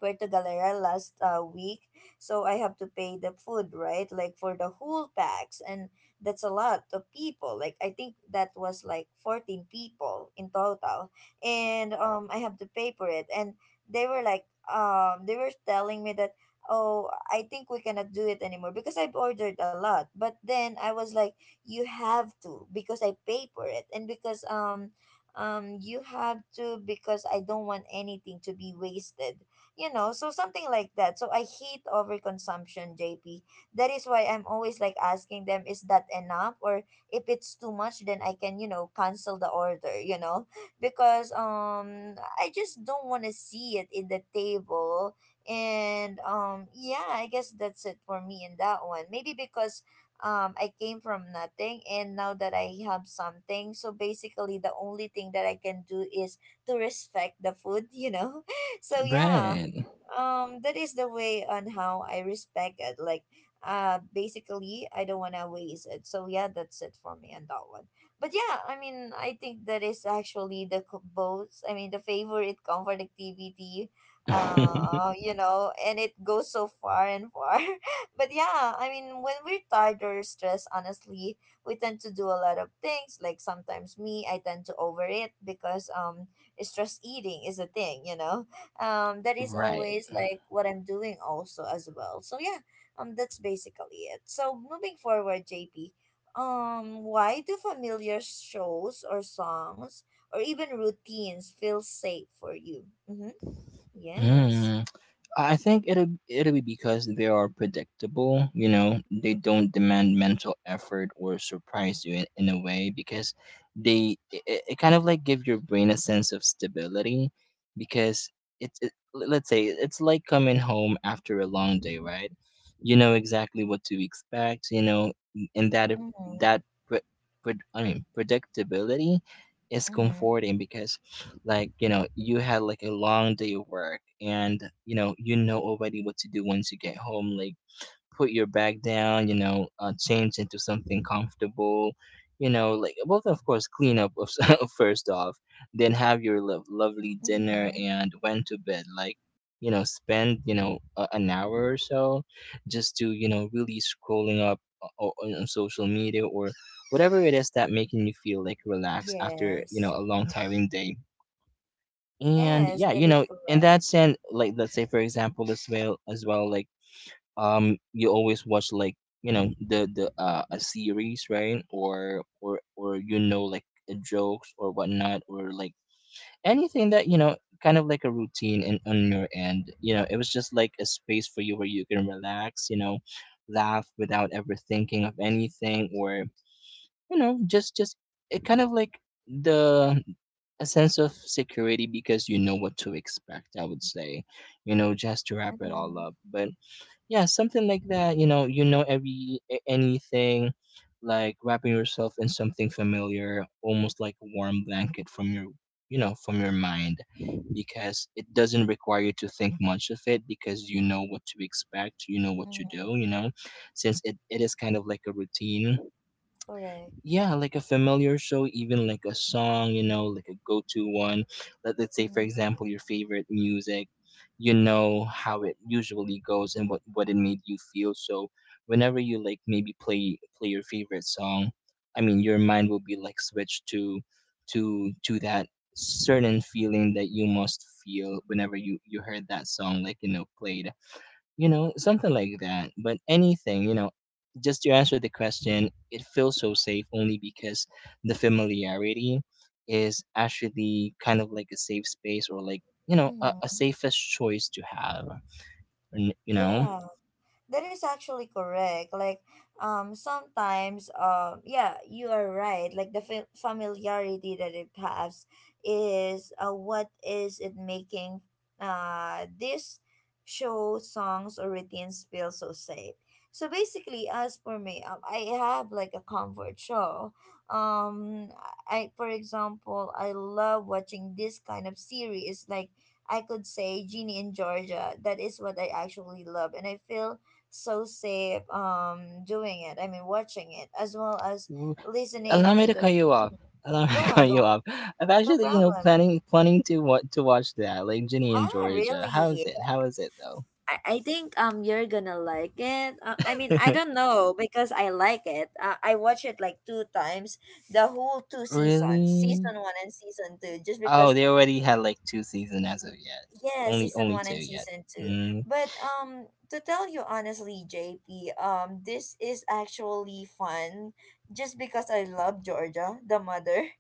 [SPEAKER 1] Puerto Galera last week, so I have to pay the food, right? Like for the whole packs, and that's a lot of people. Like I think that was like 14 people in total, and I have to pay for it. And they were like, they were telling me that, oh, I think we cannot do it anymore because I've ordered a lot. But then I was like, you have to because I pay for it, and because you have to, because I don't want anything to be wasted, you know. So something like that. So I hate overconsumption, JP. That is why I'm always like asking them, is that enough, or if it's too much then I can, you know, cancel the order. You know, because I just don't want to see it in the table. And yeah, I guess that's it for me in that one. Maybe because I came from nothing and now that I have something, so basically the only thing that I can do is to respect the food, you know. So yeah,
[SPEAKER 2] Right.
[SPEAKER 1] that is the way on how I respect it. Like, basically I don't want to waste it. So yeah, that's it for me on that one. But yeah, I mean, I think that is actually the both, I mean the favorite comfort activity, you know, and it goes so far and far. But yeah, I mean when we're tired or stressed honestly we tend to do a lot of things. Like sometimes me, I tend to overeat because stress eating is a thing, you know. That is
[SPEAKER 2] Right.
[SPEAKER 1] always like what I'm doing also as well. So yeah, that's basically it. So moving forward, JP, why do familiar shows or songs or even routines feel safe for you? Mm-hmm. Yes.
[SPEAKER 2] Mm. I think it'll it'll be because they are predictable. You know, they don't demand mental effort or surprise you in a way because they it, it kind of like give your brain a sense of stability, because it's it, let's say it's like coming home after a long day, right? You know exactly what to expect. You know, and that
[SPEAKER 1] Mm-hmm.
[SPEAKER 2] that pre, I mean predictability is
[SPEAKER 1] Mm-hmm.
[SPEAKER 2] comforting because like you know you had like a long day of work and you know already what to do once you get home, like put your bag down, you know, change into something comfortable, you know, like well, of course clean up first off, then have your lovely dinner
[SPEAKER 1] Mm-hmm.
[SPEAKER 2] and went to bed, like you know spend you know an hour or so, just to you know really scrolling up on social media or whatever it is that making you feel like relaxed after you know
[SPEAKER 1] Yes.
[SPEAKER 2] a long tiring day. And
[SPEAKER 1] Yes,
[SPEAKER 2] yeah,
[SPEAKER 1] that
[SPEAKER 2] you
[SPEAKER 1] is
[SPEAKER 2] know in
[SPEAKER 1] correct.
[SPEAKER 2] that sense, like let's say for example as well like, um, you always watch like, you know, the, uh, a series, right, or you know like, jokes or whatnot, or like anything that you know kind of like a routine in, on your end, you know it was just like a space for you where you can relax, you know, laugh without ever thinking of anything, or you know just it kind of like the, a sense of security because you know what to expect, I would say, you know, just to wrap it all
[SPEAKER 1] Mm-hmm.
[SPEAKER 2] up. But yeah, something like that, you know, you know every anything like wrapping yourself in something familiar, almost like a warm blanket from your, you know, from your mind, because it doesn't require you to think much of it because you know what to expect, you know what to do,
[SPEAKER 1] Mm-hmm.
[SPEAKER 2] you know, since it is kind of like a routine.
[SPEAKER 1] Correct.
[SPEAKER 2] Yeah, like a familiar show, even like a song, you know, like a go-to one. Let's say, for
[SPEAKER 1] Mm-hmm.
[SPEAKER 2] example, your favorite music. You know how it usually goes and what it made you feel. So whenever you like maybe play your favorite song, I mean, your mind will be like switched to to that certain feeling that you must feel whenever you heard that song, like, played. You know, something like that. But anything, just to answer the question, it feels so safe only because the familiarity is actually kind of like a safe space, or, like, a
[SPEAKER 1] Mm-hmm.
[SPEAKER 2] safest choice to have. And,
[SPEAKER 1] Yeah. That is actually correct. Like, sometimes, yeah, you are right. Like the familiarity that it has is, what is it making, this show songs or routines feel so safe. So basically, as for me, I have like a comfort show. Um, I, for example, I love watching this kind of series. Like, I could say Genie in Georgia. That is what I actually love, and I feel so safe doing it. I mean watching it, as well as
[SPEAKER 2] ooh,
[SPEAKER 1] listening
[SPEAKER 2] allow me
[SPEAKER 1] to
[SPEAKER 2] to
[SPEAKER 1] the.
[SPEAKER 2] cut you off.
[SPEAKER 1] Mm,
[SPEAKER 2] Allow me
[SPEAKER 1] go
[SPEAKER 2] to
[SPEAKER 1] on,
[SPEAKER 2] cut
[SPEAKER 1] go
[SPEAKER 2] you
[SPEAKER 1] on.
[SPEAKER 2] off. I'm
[SPEAKER 1] No
[SPEAKER 2] actually,
[SPEAKER 1] problem.
[SPEAKER 2] planning to what to watch that, like Ginny and
[SPEAKER 1] Ah,
[SPEAKER 2] Georgia.
[SPEAKER 1] really?
[SPEAKER 2] How is it? How is it
[SPEAKER 1] I think you're gonna like it. I mean I
[SPEAKER 2] though?
[SPEAKER 1] don't know because I like it. I watched it like two times, the whole two seasons,
[SPEAKER 2] Really?
[SPEAKER 1] season one and season two, just
[SPEAKER 2] Oh,
[SPEAKER 1] because.
[SPEAKER 2] they already had like two seasons as of yet.
[SPEAKER 1] Yeah,
[SPEAKER 2] Only
[SPEAKER 1] season
[SPEAKER 2] only
[SPEAKER 1] one
[SPEAKER 2] two
[SPEAKER 1] and
[SPEAKER 2] yet.
[SPEAKER 1] season two.
[SPEAKER 2] Mm.
[SPEAKER 1] But to tell you honestly, JP, this is actually fun just because I love Georgia, the mother.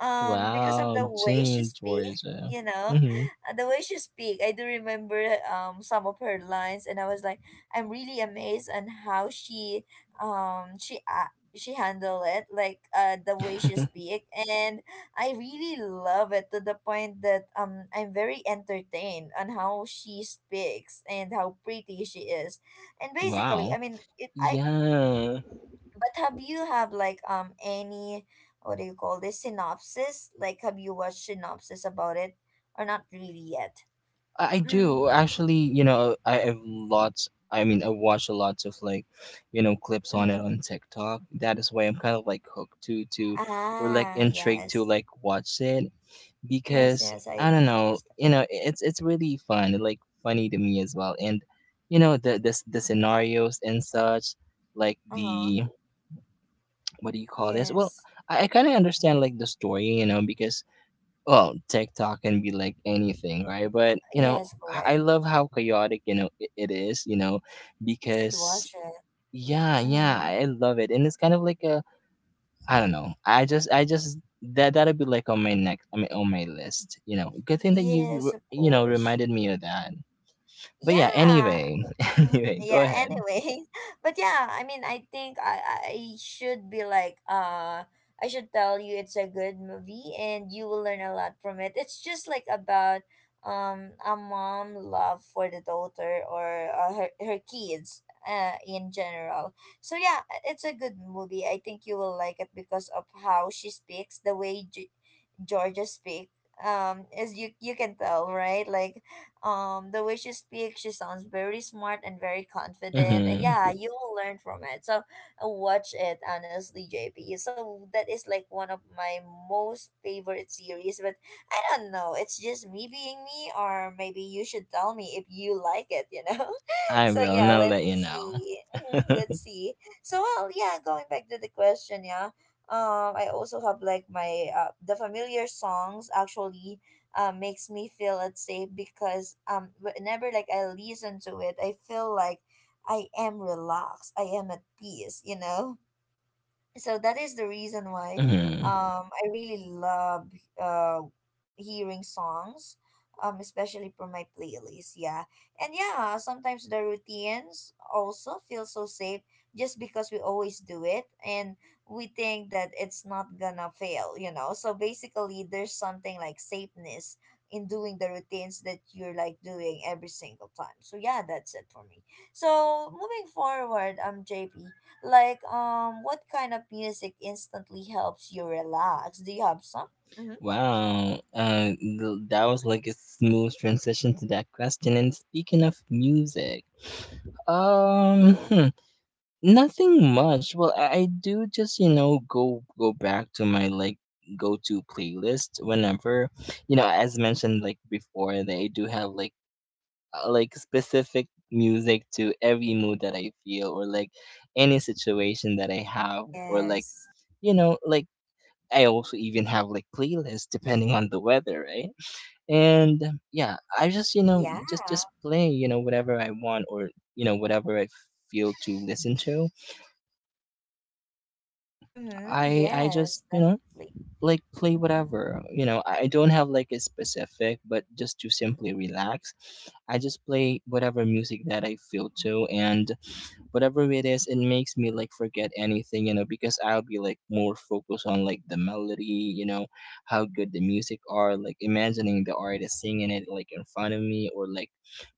[SPEAKER 1] Because of
[SPEAKER 2] Wow,
[SPEAKER 1] the way
[SPEAKER 2] Ginny
[SPEAKER 1] she
[SPEAKER 2] and
[SPEAKER 1] speak,
[SPEAKER 2] Georgia.
[SPEAKER 1] you know,
[SPEAKER 2] Hmm.
[SPEAKER 1] the way she speak, I do remember some of her lines, and I was like, I'm really amazed on how she she handle it, like the way she speak, and I really love it to the point that I'm very entertained on how she speaks and how pretty she is. And basically, I
[SPEAKER 2] Wow.
[SPEAKER 1] mean, it, I.
[SPEAKER 2] Yeah,
[SPEAKER 1] But have you have like any, what do you call this, synopsis? Like, have you watched synopsis about it or not really yet?
[SPEAKER 2] I
[SPEAKER 1] Mm.
[SPEAKER 2] do actually. You know, I have lots. I mean, I watch a lot of, like, clips on
[SPEAKER 1] Mm-hmm.
[SPEAKER 2] it on TikTok. That is why I'm kind of like hooked to or like
[SPEAKER 1] Ah,
[SPEAKER 2] intrigued to
[SPEAKER 1] yes.
[SPEAKER 2] like watch it.
[SPEAKER 1] Yes,
[SPEAKER 2] Because
[SPEAKER 1] yes, I
[SPEAKER 2] I don't know,
[SPEAKER 1] understand.
[SPEAKER 2] you know, it's really fun, like funny to me as well. And, you know, the scenarios and such, like
[SPEAKER 1] Uh-huh.
[SPEAKER 2] the what do you call this? Well,
[SPEAKER 1] Yes.
[SPEAKER 2] I kind of understand like the story, you know, because, well, TikTok can be like anything, right? But, you know,
[SPEAKER 1] Yes,
[SPEAKER 2] I
[SPEAKER 1] correct.
[SPEAKER 2] I love how chaotic, it is, you know,
[SPEAKER 1] You should
[SPEAKER 2] because,
[SPEAKER 1] watch it.
[SPEAKER 2] yeah, yeah,
[SPEAKER 1] Mm-hmm.
[SPEAKER 2] I love it, and it's kind of like a, I don't know. I just that'll be like on my next, I mean, on my list. You know, good thing that you,
[SPEAKER 1] Yes, of course.
[SPEAKER 2] reminded me of that. But yeah,
[SPEAKER 1] Yeah.
[SPEAKER 2] anyway, anyway, go
[SPEAKER 1] Yeah,
[SPEAKER 2] ahead.
[SPEAKER 1] anyway. But yeah, I mean, I think I should be like I should tell you it's a good movie and you will learn a lot from it. It's just like about a mom love for the daughter, or her her kids in general. So yeah, it's a good movie. I think you will like it because of how she speaks, the way Georgia speak. As you can tell, right? Like, the way she speaks, she sounds very smart and very confident. And
[SPEAKER 2] Mm-hmm.
[SPEAKER 1] yeah, you will learn from it. So watch it honestly, JP. So that is like one of my most favorite series. But I don't know. It's just me being me, or maybe you should tell me if you like it. You know.
[SPEAKER 2] I
[SPEAKER 1] So
[SPEAKER 2] will. And
[SPEAKER 1] yeah,
[SPEAKER 2] I'll
[SPEAKER 1] let's
[SPEAKER 2] let you know.
[SPEAKER 1] see. Hmm, let's see. So well, yeah. Going back to the question, yeah, I also have like my the familiar songs actually makes me feel at safe because whenever like I listen to it I feel like I am relaxed, I am at peace, you know. So that is the reason why
[SPEAKER 2] Hmm.
[SPEAKER 1] I really love uh hearing songs, especially for my playlist, yeah. And yeah, sometimes the routines also feel so safe just because we always do it and we think that it's not gonna fail, you know. So basically there's something like safeness in doing the routines that you're like doing every single time. So yeah, that's it for me. So moving forward, JP, like, what kind of music instantly helps you relax? Do you have some? Mm-hmm.
[SPEAKER 2] Wow. That was like a smooth transition to that question. And speaking of music, um, hmm, nothing much. Well, I do just, go back to my like go to playlist whenever, you know, as mentioned like before, that I do have like specific music to every mood that I feel, or like any situation that I have, or like,
[SPEAKER 1] Yes.
[SPEAKER 2] you know, like I also even have like playlists depending on the weather, right? And yeah, I just,
[SPEAKER 1] Yeah.
[SPEAKER 2] just play, you know, whatever I want, or, whatever I feel to listen to.
[SPEAKER 1] Mm-hmm.
[SPEAKER 2] I just,
[SPEAKER 1] Yes, definitely.
[SPEAKER 2] like, play whatever, you know, I don't have like a specific, but just to simply relax, I just play whatever music that I feel to. And whatever it is, it makes me like forget anything, you know, because I'll be like more focused on like the melody, you know, how good the music are, like imagining the artist singing it like in front of me, or like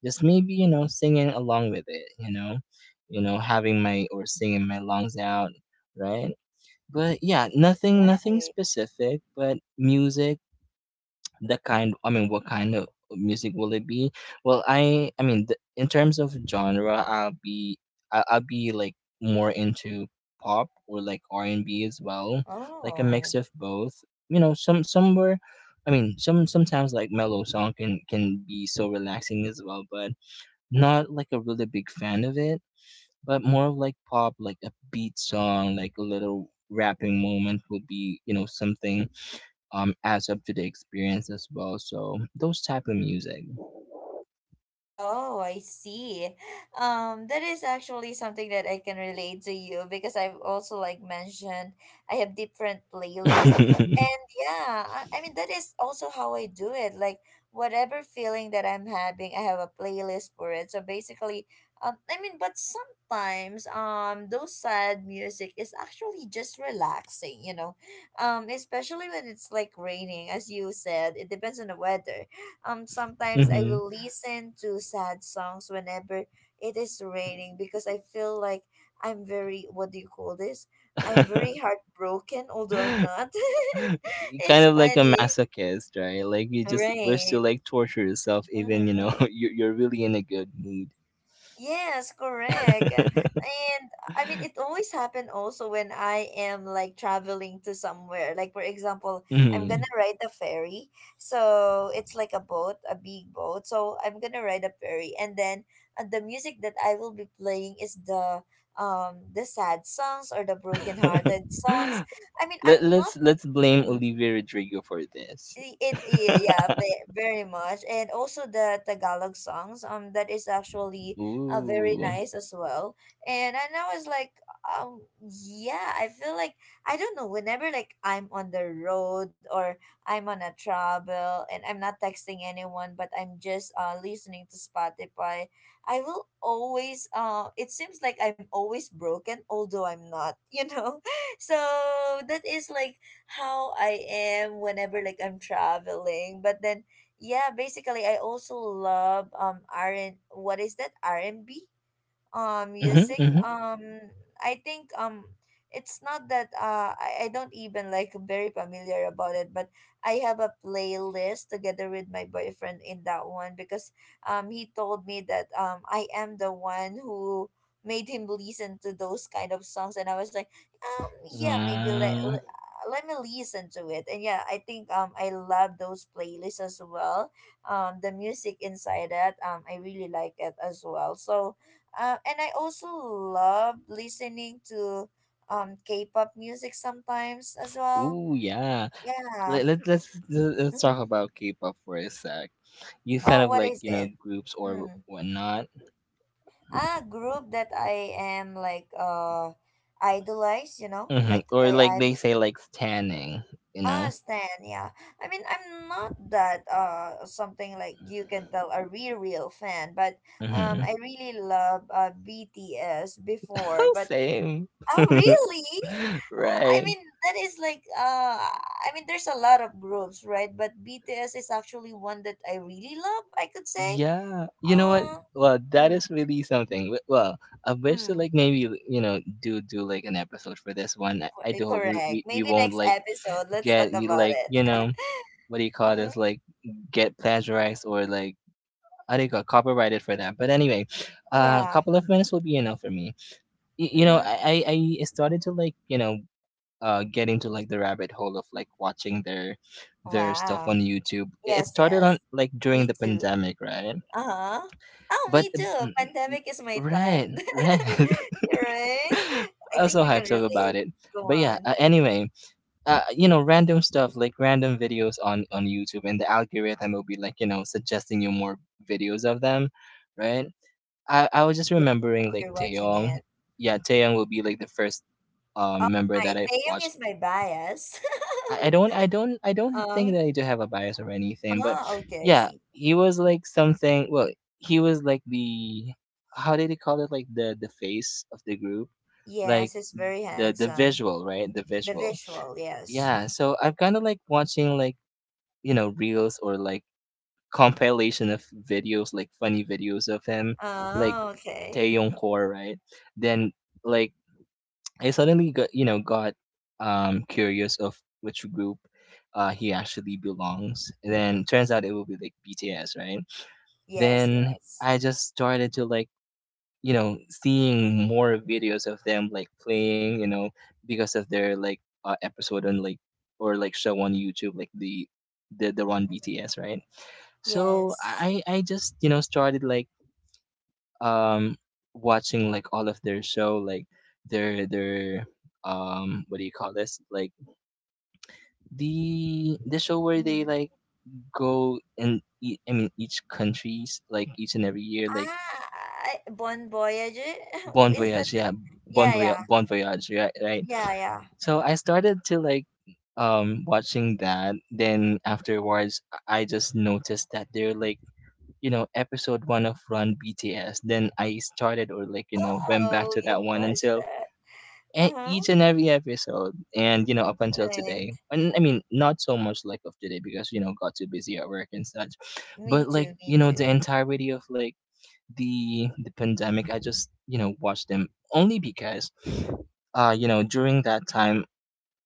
[SPEAKER 2] just maybe, you know, singing along with it, you know. You know, having my, or singing my lungs out, right? But yeah, nothing
[SPEAKER 1] Right.
[SPEAKER 2] specific, but music, the kind, I mean, what kind of music will it be? Well, I mean, the, in terms of genre, I'll be, I'll be like more into pop or like R&B as well, like a
[SPEAKER 1] Oh.
[SPEAKER 2] mix of both. You know, somewhere, I mean, sometimes like mellow song can be so relaxing as well, but not like a really big fan of it. But more of like pop, like a beat song, like a little rapping moment will be, you know, something, adds up to the experience as well. So those type of music.
[SPEAKER 1] Oh, I see. That is actually something that I can relate to you because I've also like mentioned I have different playlists. And yeah, I mean that is also how I do it. Like whatever feeling that I'm having, I have a playlist for it. So basically, I mean but sometimes those sad music is actually just relaxing, you know. Especially when it's like raining, as you said, it depends on the weather, sometimes I
[SPEAKER 2] Hmm.
[SPEAKER 1] will listen to sad songs whenever it is raining because I feel like I'm very, what do you call this? I'm very heartbroken, although I'm not.
[SPEAKER 2] Kind
[SPEAKER 1] It's
[SPEAKER 2] of like a
[SPEAKER 1] funny,
[SPEAKER 2] masochist, right? Like you just wish to
[SPEAKER 1] right?
[SPEAKER 2] like torture yourself, even,
[SPEAKER 1] Mhm.
[SPEAKER 2] you're really in a good mood.
[SPEAKER 1] Yes, correct. And I mean, it always happen also when I am like traveling to somewhere. Like, for example, I'm gonna
[SPEAKER 2] Mhm.
[SPEAKER 1] ride the ferry. So it's like a boat, a big boat. So I'm gonna ride a ferry. And then the music that I will be playing is the sad songs or the broken hearted songs. I mean, I'm
[SPEAKER 2] Let
[SPEAKER 1] not.
[SPEAKER 2] let's let's blame
[SPEAKER 1] mm,
[SPEAKER 2] Olivia Rodrigo for this.
[SPEAKER 1] yeah, very much. And also the Tagalog songs, that is actually very
[SPEAKER 2] Ooh.
[SPEAKER 1] nice as well. And I know it's like, um, yeah, I feel like, I don't know, whenever like I'm on the road or I'm on a travel and I'm not texting anyone, but I'm just listening to Spotify, I will always, it seems like I'm always broken, although I'm not, you know? So that is like how I am whenever like I'm traveling. But then yeah, basically I also love R and what is that? R and B?
[SPEAKER 2] Mhm,
[SPEAKER 1] Music.
[SPEAKER 2] mhm.
[SPEAKER 1] I think, it's not that I don't even like very familiar about it, but I have a playlist together with my boyfriend in that one because, he told me that, I am the one who made him listen to those kind of songs, and I was like, yeah, maybe
[SPEAKER 2] Wow.
[SPEAKER 1] let let me listen to it. And yeah, I think, I love those playlists as well. The music inside it, I really like it as well. So and I also love listening to K-pop music sometimes as well.
[SPEAKER 2] Ooh, yeah.
[SPEAKER 1] Yeah.
[SPEAKER 2] Let's talk
[SPEAKER 1] Mm-hmm.
[SPEAKER 2] about K-pop for a sec. You said
[SPEAKER 1] Oh,
[SPEAKER 2] of
[SPEAKER 1] what
[SPEAKER 2] like,
[SPEAKER 1] is
[SPEAKER 2] you know,
[SPEAKER 1] it?
[SPEAKER 2] groups or
[SPEAKER 1] Mm.
[SPEAKER 2] whatnot,
[SPEAKER 1] Ah, group that I am like idolize, you know,
[SPEAKER 2] hmm,
[SPEAKER 1] like
[SPEAKER 2] or
[SPEAKER 1] I,
[SPEAKER 2] like
[SPEAKER 1] I
[SPEAKER 2] they say, like standing, you know.
[SPEAKER 1] Stan. Yeah, I mean I'm not that something like you can tell a real fan, but
[SPEAKER 2] Hmm.
[SPEAKER 1] I really love BTS before, but
[SPEAKER 2] Same.
[SPEAKER 1] Oh, really? I
[SPEAKER 2] Right.
[SPEAKER 1] mean, that is like, I mean, there's a lot of groups, right? But BTS is actually one that I really love, I could say.
[SPEAKER 2] Yeah. You know what?
[SPEAKER 1] Uh,
[SPEAKER 2] Well, that
[SPEAKER 1] mm,
[SPEAKER 2] is really something. Well, I wish to
[SPEAKER 1] mm,
[SPEAKER 2] like maybe, you know, do like an episode for this one. I do hope we,
[SPEAKER 1] correct.
[SPEAKER 2] we we
[SPEAKER 1] Maybe
[SPEAKER 2] won't
[SPEAKER 1] next
[SPEAKER 2] like
[SPEAKER 1] episode, let's talk
[SPEAKER 2] get you
[SPEAKER 1] about
[SPEAKER 2] like,
[SPEAKER 1] it.
[SPEAKER 2] you know, what do you call
[SPEAKER 1] hmm
[SPEAKER 2] this, like, get plagiarized, or like, I think got copyrighted for that. But anyway, a
[SPEAKER 1] Yeah.
[SPEAKER 2] couple of minutes will be enough for me. You know,
[SPEAKER 1] Mm-hmm.
[SPEAKER 2] I started to like, you know, get into like the rabbit hole of like watching their stuff
[SPEAKER 1] Wow.
[SPEAKER 2] on YouTube. It
[SPEAKER 1] Yes,
[SPEAKER 2] started on
[SPEAKER 1] yes.
[SPEAKER 2] like during
[SPEAKER 1] Me
[SPEAKER 2] the
[SPEAKER 1] too.
[SPEAKER 2] pandemic, right?
[SPEAKER 1] Uh-huh. Oh,
[SPEAKER 2] But
[SPEAKER 1] me too. Pandemic is my
[SPEAKER 2] right,
[SPEAKER 1] time.
[SPEAKER 2] right.
[SPEAKER 1] You're right.
[SPEAKER 2] I
[SPEAKER 1] I
[SPEAKER 2] was
[SPEAKER 1] think
[SPEAKER 2] so
[SPEAKER 1] we can
[SPEAKER 2] hyped up about
[SPEAKER 1] relate.
[SPEAKER 2] it.
[SPEAKER 1] Go
[SPEAKER 2] But yeah,
[SPEAKER 1] on.
[SPEAKER 2] anyway, you know, random stuff like random videos on YouTube, and the algorithm will be like, you know, suggesting you more videos of them, right? I was just
[SPEAKER 1] Yeah, if
[SPEAKER 2] remembering like
[SPEAKER 1] you're watching
[SPEAKER 2] Taeyong,
[SPEAKER 1] it.
[SPEAKER 2] yeah, Taeyong will be like the first
[SPEAKER 1] Oh
[SPEAKER 2] member that
[SPEAKER 1] my,
[SPEAKER 2] I've watched.
[SPEAKER 1] Taeyong is my bias.
[SPEAKER 2] I, I don't I don't I don't think
[SPEAKER 1] Oh,
[SPEAKER 2] that I do have a bias or anything, but
[SPEAKER 1] ah, okay, I
[SPEAKER 2] yeah,
[SPEAKER 1] see.
[SPEAKER 2] he was like something. Well, he was like the, how did they call it, like the face of the group, like
[SPEAKER 1] Yes, it's very
[SPEAKER 2] the
[SPEAKER 1] handsome.
[SPEAKER 2] visual, right? The
[SPEAKER 1] The
[SPEAKER 2] visual,
[SPEAKER 1] visual, yes.
[SPEAKER 2] yeah, so I have kind of like watching, like, you know, reels or like compilation of videos, like funny videos of him, like
[SPEAKER 1] Oh, okay.
[SPEAKER 2] Taeyong Core, right? Then, like, I suddenly got, you know, got curious of which group he actually belongs. And then turns out it will be like BTS, right?
[SPEAKER 1] Yes,
[SPEAKER 2] Then
[SPEAKER 1] yes,
[SPEAKER 2] I just started to like, you know, seeing more videos of them like playing, you know, because of their like episode on like, or like show on YouTube, like the one, BTS, right? So
[SPEAKER 1] yes.
[SPEAKER 2] I just, you know, started like um watching like all of their show, like their what do you call this, like, the show where
[SPEAKER 1] Hmm.
[SPEAKER 2] they like go and I mean each countries, like each and every year, like
[SPEAKER 1] Ah, I, Bon Voyage?
[SPEAKER 2] Bon
[SPEAKER 1] Is that
[SPEAKER 2] Voyage,
[SPEAKER 1] the,
[SPEAKER 2] yeah, bon
[SPEAKER 1] yeah,
[SPEAKER 2] voyage
[SPEAKER 1] yeah,
[SPEAKER 2] bon voyage right, right.
[SPEAKER 1] yeah, yeah.
[SPEAKER 2] So I started to like watching that. Then afterwards, I just noticed that they're like, you know, episode one of Run BTS. Then I started, or like, you know, went back
[SPEAKER 1] Oh,
[SPEAKER 2] to
[SPEAKER 1] you
[SPEAKER 2] that one
[SPEAKER 1] watched
[SPEAKER 2] until
[SPEAKER 1] that. Uh-huh,
[SPEAKER 2] each and every episode, and, you know, up until today.
[SPEAKER 1] right.
[SPEAKER 2] And I mean, not so much like of today, because, you know, got too busy at work and such.
[SPEAKER 1] Me
[SPEAKER 2] But like,
[SPEAKER 1] too, me
[SPEAKER 2] you know, the
[SPEAKER 1] too.
[SPEAKER 2] entirety of like the pandemic, I just, you know, watched them, only because, you know, during that time,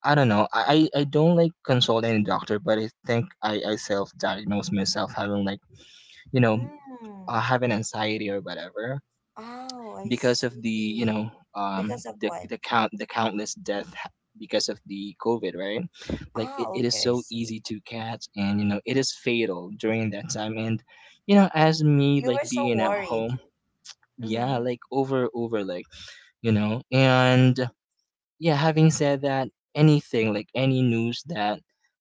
[SPEAKER 2] I don't know. I don't like consult any doctor, but I think I self diagnose myself having like, you know,
[SPEAKER 1] Mm.
[SPEAKER 2] having anxiety or whatever,
[SPEAKER 1] Oh, I
[SPEAKER 2] because of the,
[SPEAKER 1] see. Because of what?
[SPEAKER 2] the count the countless death because of the COVID, right. Like
[SPEAKER 1] Ah,
[SPEAKER 2] it is
[SPEAKER 1] okay, I
[SPEAKER 2] so
[SPEAKER 1] see.
[SPEAKER 2] easy to catch, and, you know, it is fatal during that time. And, you know, as me
[SPEAKER 1] You
[SPEAKER 2] like
[SPEAKER 1] were so
[SPEAKER 2] being at
[SPEAKER 1] worried.
[SPEAKER 2] home, yeah,
[SPEAKER 1] Mm-hmm.
[SPEAKER 2] like over like, you know. And yeah, having said that, anything, like any news that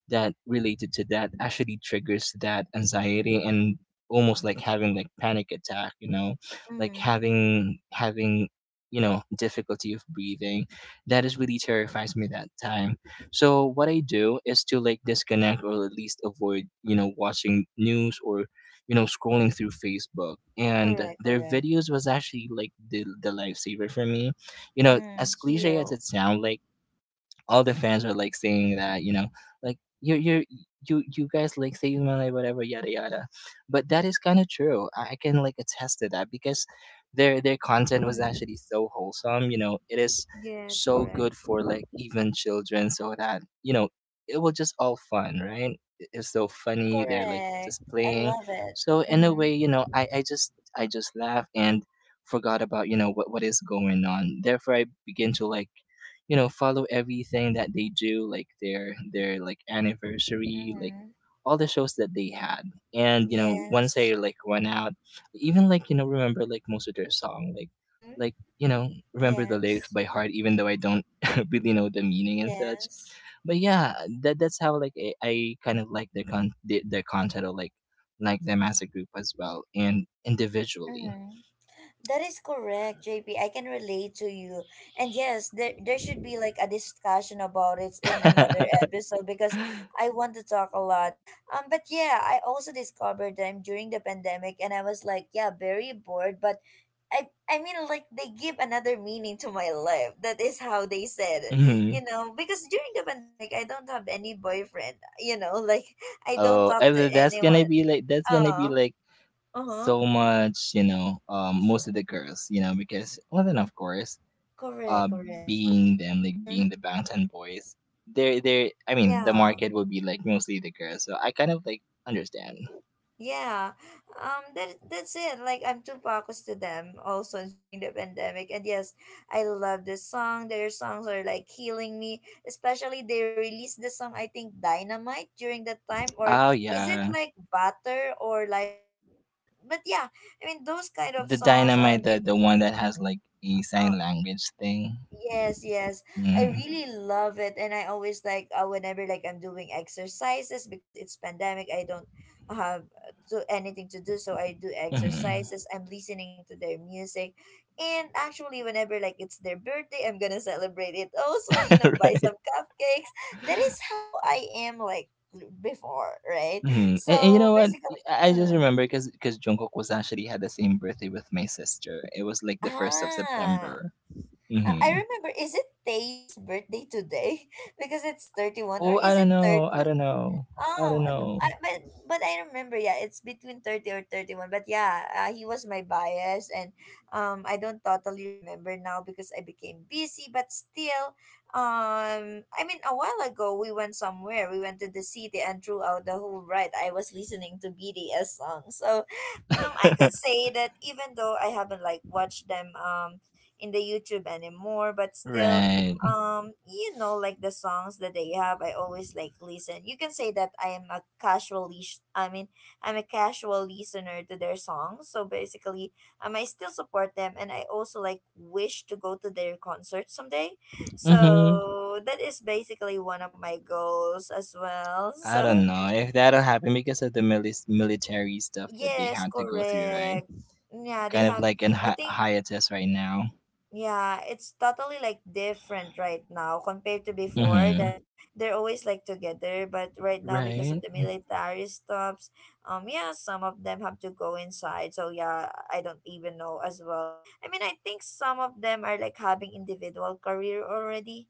[SPEAKER 2] that related to that actually triggers that anxiety, and almost like having like panic attack, you know, like
[SPEAKER 1] Mm-hmm.
[SPEAKER 2] having, you know, difficulty of breathing, that is really terrifies me that time. So what I do is to like disconnect, or at least avoid, you know, watching news, or, you know, scrolling through Facebook, and
[SPEAKER 1] Correct,
[SPEAKER 2] their
[SPEAKER 1] correct.
[SPEAKER 2] videos was actually like the lifesaver for me, you know,
[SPEAKER 1] Mm,
[SPEAKER 2] as cliche as it
[SPEAKER 1] heal.
[SPEAKER 2] sounds, like all the fans were like saying that, you know, like you guys like say Malay whatever yada yada, but that is kind of true. I can like attest to that, because their content was
[SPEAKER 1] Mm-hmm.
[SPEAKER 2] actually so wholesome, you know, it is
[SPEAKER 1] Yes,
[SPEAKER 2] so
[SPEAKER 1] correct.
[SPEAKER 2] good for like even children, so that, you know, it was just all fun, right. It's so funny, they're like
[SPEAKER 1] Correct.
[SPEAKER 2] just
[SPEAKER 1] I
[SPEAKER 2] playing.
[SPEAKER 1] love it.
[SPEAKER 2] So in a
[SPEAKER 1] Mm-hmm.
[SPEAKER 2] way, you know, I just laugh and forgot about, you know, what is going on. Therefore, I begin to like, you know, follow everything that they do, like their like anniversary, like
[SPEAKER 1] Mm-hmm.
[SPEAKER 2] all the shows that they had. And, you know, once
[SPEAKER 1] Yes.
[SPEAKER 2] they like went out, even like, you know, remember like most of their song, like
[SPEAKER 1] Mm-hmm.
[SPEAKER 2] like you know, remember the lyrics
[SPEAKER 1] Yes.
[SPEAKER 2] by heart, even though I don't really know the meaning and such.
[SPEAKER 1] Yes.
[SPEAKER 2] But yeah, that that's how like I kind of like their con their content or like them as a group as well and individually
[SPEAKER 1] Mm-hmm. That is correct, JP. I can relate to you. And yes, there should be like a discussion about it in another episode because I want to talk a lot. But yeah, I also discovered them during the pandemic and I was like, yeah, very bored, but I mean like they give another meaning to my life. That is how they said it.
[SPEAKER 2] Mhm.
[SPEAKER 1] You know, because during the pandemic I don't have any boyfriend, you know, like I don't
[SPEAKER 2] Oh,
[SPEAKER 1] talk
[SPEAKER 2] I
[SPEAKER 1] to
[SPEAKER 2] that's gonna
[SPEAKER 1] anyone.
[SPEAKER 2] be like
[SPEAKER 1] Oh, uh-huh.
[SPEAKER 2] so much, you know,
[SPEAKER 1] So,
[SPEAKER 2] most of the girls, you know, because well then of course,
[SPEAKER 1] correct,
[SPEAKER 2] uh,
[SPEAKER 1] correct.
[SPEAKER 2] being them like
[SPEAKER 1] Mm-hmm.
[SPEAKER 2] being the Bangtan Boys, they're I mean the
[SPEAKER 1] Yeah,
[SPEAKER 2] market would be like mostly the girls, so I kind of like understand.
[SPEAKER 1] yeah. That that's it. Like I'm too focused to them also during the pandemic. And yes, I love this song. Their songs are like healing me. Especially they released the song I think Dynamite during that time, or
[SPEAKER 2] Oh
[SPEAKER 1] is it
[SPEAKER 2] yeah,
[SPEAKER 1] like Butter or Life Goes On? But yeah, I mean those kind of
[SPEAKER 2] the
[SPEAKER 1] songs.
[SPEAKER 2] Dynamite,
[SPEAKER 1] I'm
[SPEAKER 2] the
[SPEAKER 1] it.
[SPEAKER 2] the one that has like a
[SPEAKER 1] uh,
[SPEAKER 2] sign language thing.
[SPEAKER 1] Yes, yes. I
[SPEAKER 2] Mm.
[SPEAKER 1] really love it, and I always like, whenever like I'm doing exercises because it's pandemic, I don't have to anything to do, so I do
[SPEAKER 2] Hmm.
[SPEAKER 1] exercises. I'm listening to their music. And actually whenever like it's their birthday, I'm going to celebrate it. Also, you know, buy
[SPEAKER 2] Right.
[SPEAKER 1] some cupcakes. That is how I am like before, right?
[SPEAKER 2] Hmm. And you
[SPEAKER 1] So
[SPEAKER 2] know what?
[SPEAKER 1] basically,
[SPEAKER 2] I just
[SPEAKER 1] mm,
[SPEAKER 2] remember because Jungkook was actually had the same birthday with my sister. It was like the first of
[SPEAKER 1] ah.
[SPEAKER 2] September.
[SPEAKER 1] I
[SPEAKER 2] Hmm.
[SPEAKER 1] remember, is it Taeyoung's birthday today? Because it's 31, or
[SPEAKER 2] Oh,
[SPEAKER 1] is
[SPEAKER 2] I don't
[SPEAKER 1] it
[SPEAKER 2] know. I
[SPEAKER 1] 30?
[SPEAKER 2] don't know. I
[SPEAKER 1] Oh,
[SPEAKER 2] don't know.
[SPEAKER 1] but I remember, yeah, it's between 30 or 31. But yeah, he was my bias, and, I don't totally remember now because I became busy. But still, I mean, a while ago we went somewhere. We went to the city, and throughout the whole ride, I was listening to BTS songs. So, I could say that even though I haven't like watched them in the YouTube anymore, but still,
[SPEAKER 2] Right.
[SPEAKER 1] you know, like the songs that they have, I always like listen. You can say that I am a I mean I'm a casual listener to their songs. So basically, I still support them, and I also like wish to go to their concert someday,
[SPEAKER 2] Mm-hmm.
[SPEAKER 1] so that is basically one of my goals as well.
[SPEAKER 2] I
[SPEAKER 1] So
[SPEAKER 2] don't know if that'll happen because of the military stuff that they
[SPEAKER 1] yes,
[SPEAKER 2] had to go through, right?
[SPEAKER 1] correct. Yeah, they
[SPEAKER 2] Kind of
[SPEAKER 1] have,
[SPEAKER 2] like in
[SPEAKER 1] I think
[SPEAKER 2] hiatus right now.
[SPEAKER 1] Yeah, it's totally like different right now compared to before
[SPEAKER 2] Mm-hmm.
[SPEAKER 1] that they're always like together, but right now because of
[SPEAKER 2] Right.
[SPEAKER 1] the military stops, yeah, some of them have to go inside. So yeah, I don't even know as well. I mean, I think some of them are like having individual career already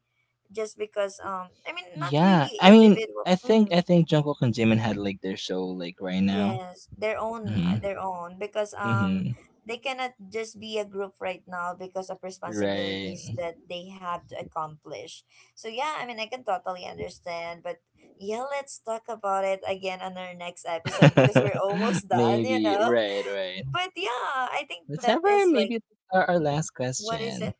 [SPEAKER 1] just because I mean, not
[SPEAKER 2] Yeah.
[SPEAKER 1] really
[SPEAKER 2] I mean,
[SPEAKER 1] individual.
[SPEAKER 2] I think Jungkook and Jimin had like their show like right now.
[SPEAKER 1] Yes,
[SPEAKER 2] Mm-hmm.
[SPEAKER 1] their own, because
[SPEAKER 2] Mm-hmm.
[SPEAKER 1] they cannot just be a group right now because of responsibilities
[SPEAKER 2] Right.
[SPEAKER 1] that they have to accomplish. So yeah, I mean I can totally understand, but yeah, let's talk about it again on our next episode because we're almost done, you
[SPEAKER 2] Maybe.
[SPEAKER 1] know.
[SPEAKER 2] Right. Right.
[SPEAKER 1] But yeah, I think
[SPEAKER 2] Let's
[SPEAKER 1] that
[SPEAKER 2] have our
[SPEAKER 1] is like,
[SPEAKER 2] maybe our
[SPEAKER 1] mm,
[SPEAKER 2] last
[SPEAKER 1] what is
[SPEAKER 2] question.
[SPEAKER 1] it?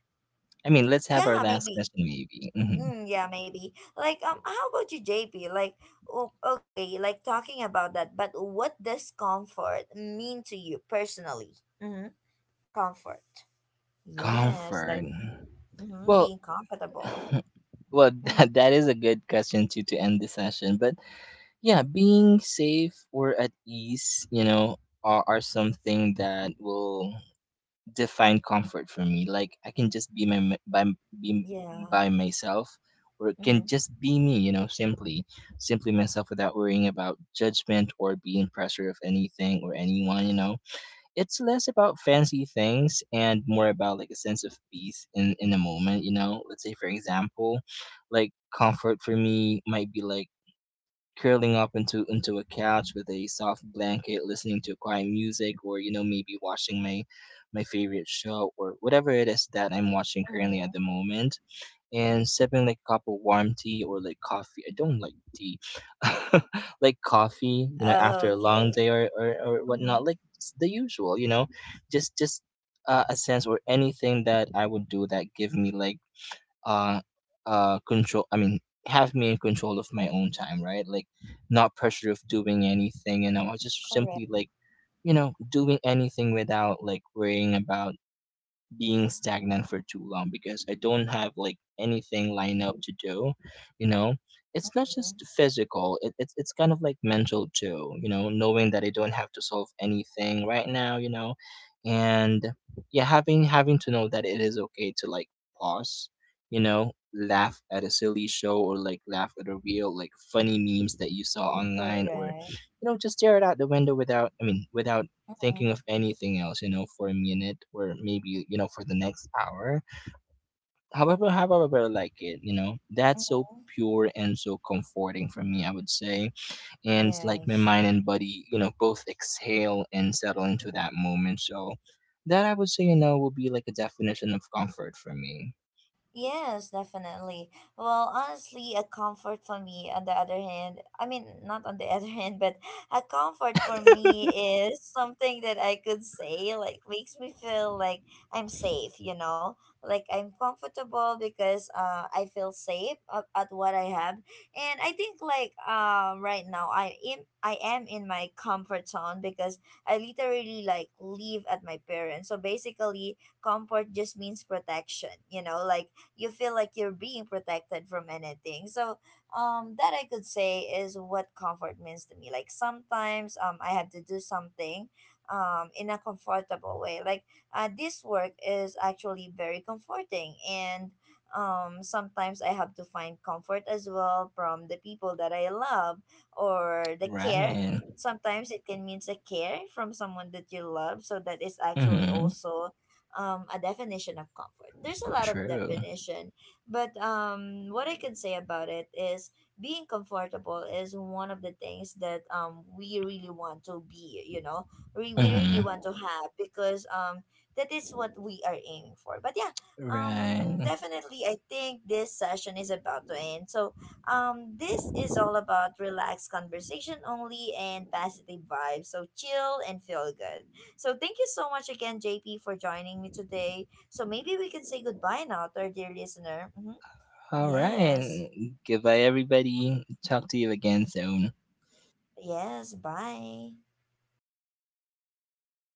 [SPEAKER 2] I mean, let's have our
[SPEAKER 1] Yeah,
[SPEAKER 2] last
[SPEAKER 1] maybe.
[SPEAKER 2] question, maybe. Hmm.
[SPEAKER 1] Mm, yeah, maybe. Like, how about you, JP? Like, okay, like talking about that, but what does comfort mean to you personally? Mm-hmm. Comfort. Yes, like
[SPEAKER 2] Comfort.
[SPEAKER 1] mm-hmm,
[SPEAKER 2] Well,
[SPEAKER 1] being comfortable.
[SPEAKER 2] well,
[SPEAKER 1] Mm-hmm.
[SPEAKER 2] that is a good question to end the session. But yeah, being safe or at ease, you know, are something that will define comfort for me. Like I can just be my m- by m- be
[SPEAKER 1] Yeah.
[SPEAKER 2] by myself, or it can
[SPEAKER 1] Mm-hmm.
[SPEAKER 2] just be me. You know, simply myself without worrying about judgment or being pressure of anything or anyone. You know, it's less about fancy things and more about like a sense of peace in a moment. You know, let's say for example, like comfort for me might be like curling up into a couch with a soft blanket, listening to quiet music, or you know, maybe watching my favorite show or whatever it is that I'm watching currently
[SPEAKER 1] Mm-hmm.
[SPEAKER 2] at the moment, and sipping like a cup of warm tea or like coffee. I don't like tea, like coffee. You know, after a long
[SPEAKER 1] Okay.
[SPEAKER 2] day or, or whatnot,
[SPEAKER 1] Mm-hmm.
[SPEAKER 2] like the usual. You know, just a sense or anything that I would do that give me like uh control. I mean, have me in control of my own time, right? Like not pressure of doing anything, and I was just
[SPEAKER 1] Correct.
[SPEAKER 2] simply like, you know, doing anything without like worrying about being stagnant for too long because I don't have like anything lined up to do, you know. It's not
[SPEAKER 1] Mm-hmm.
[SPEAKER 2] just physical, it's kind of like mental too, you know, knowing that I don't have to solve anything right now, you know. And yeah, having to know that it is okay to like pause, you know, laugh at a silly show or like laugh at a real like funny memes that you saw online, or
[SPEAKER 1] Correct.
[SPEAKER 2] you know, just stare it out the window without without
[SPEAKER 1] Mm-hmm.
[SPEAKER 2] thinking of anything else, you know, for a minute or maybe, you know, for the next hour. However, however I like it, you know, that's so
[SPEAKER 1] Mm-hmm.
[SPEAKER 2] pure and so comforting for me, I would say. And it's like my
[SPEAKER 1] Yes.
[SPEAKER 2] mind and body, you know, both exhale and settle into that moment. So that I would say, you know, would be like a definition of comfort for me.
[SPEAKER 1] Yes, definitely. Well, honestly, a comfort for me, on the other hand, I mean, not on the other hand, but a comfort for me is something that I could say, like, makes me feel like I'm safe, you know? Like, I'm comfortable because, I feel safe at what I have. And I think, like, right now, I am in my comfort zone because I literally, like, live at my parents. So basically, comfort just means protection, you know? Like, you feel like you're being protected from anything. So, that I could say is what comfort means to me. Like sometimes, I have to do something, in a comfortable way. Like, this work is actually very comforting, and, sometimes I have to find comfort as well from the people that I love, or the care.
[SPEAKER 2] Right.
[SPEAKER 1] Sometimes it can mean the care from someone that you love, so that is actually
[SPEAKER 2] Mm-hmm.
[SPEAKER 1] also, a definition of comfort. There's a lot of
[SPEAKER 2] True.
[SPEAKER 1] definition, but what I can say about it is being comfortable is one of the things that, we really want to be, you know, we really
[SPEAKER 2] Mm-hmm.
[SPEAKER 1] want to have because, that is what we are aiming for. But yeah,
[SPEAKER 2] Right.
[SPEAKER 1] definitely, I think this session is about to end. So, this is all about relaxed conversation only and positive vibes. So chill and feel good. So thank you so much again, JP, for joining me today. So maybe we can say goodbye now to our dear listener. Hmm
[SPEAKER 2] All
[SPEAKER 1] Yes.
[SPEAKER 2] right. Goodbye, everybody. Talk to you again soon.
[SPEAKER 1] Yes. Bye.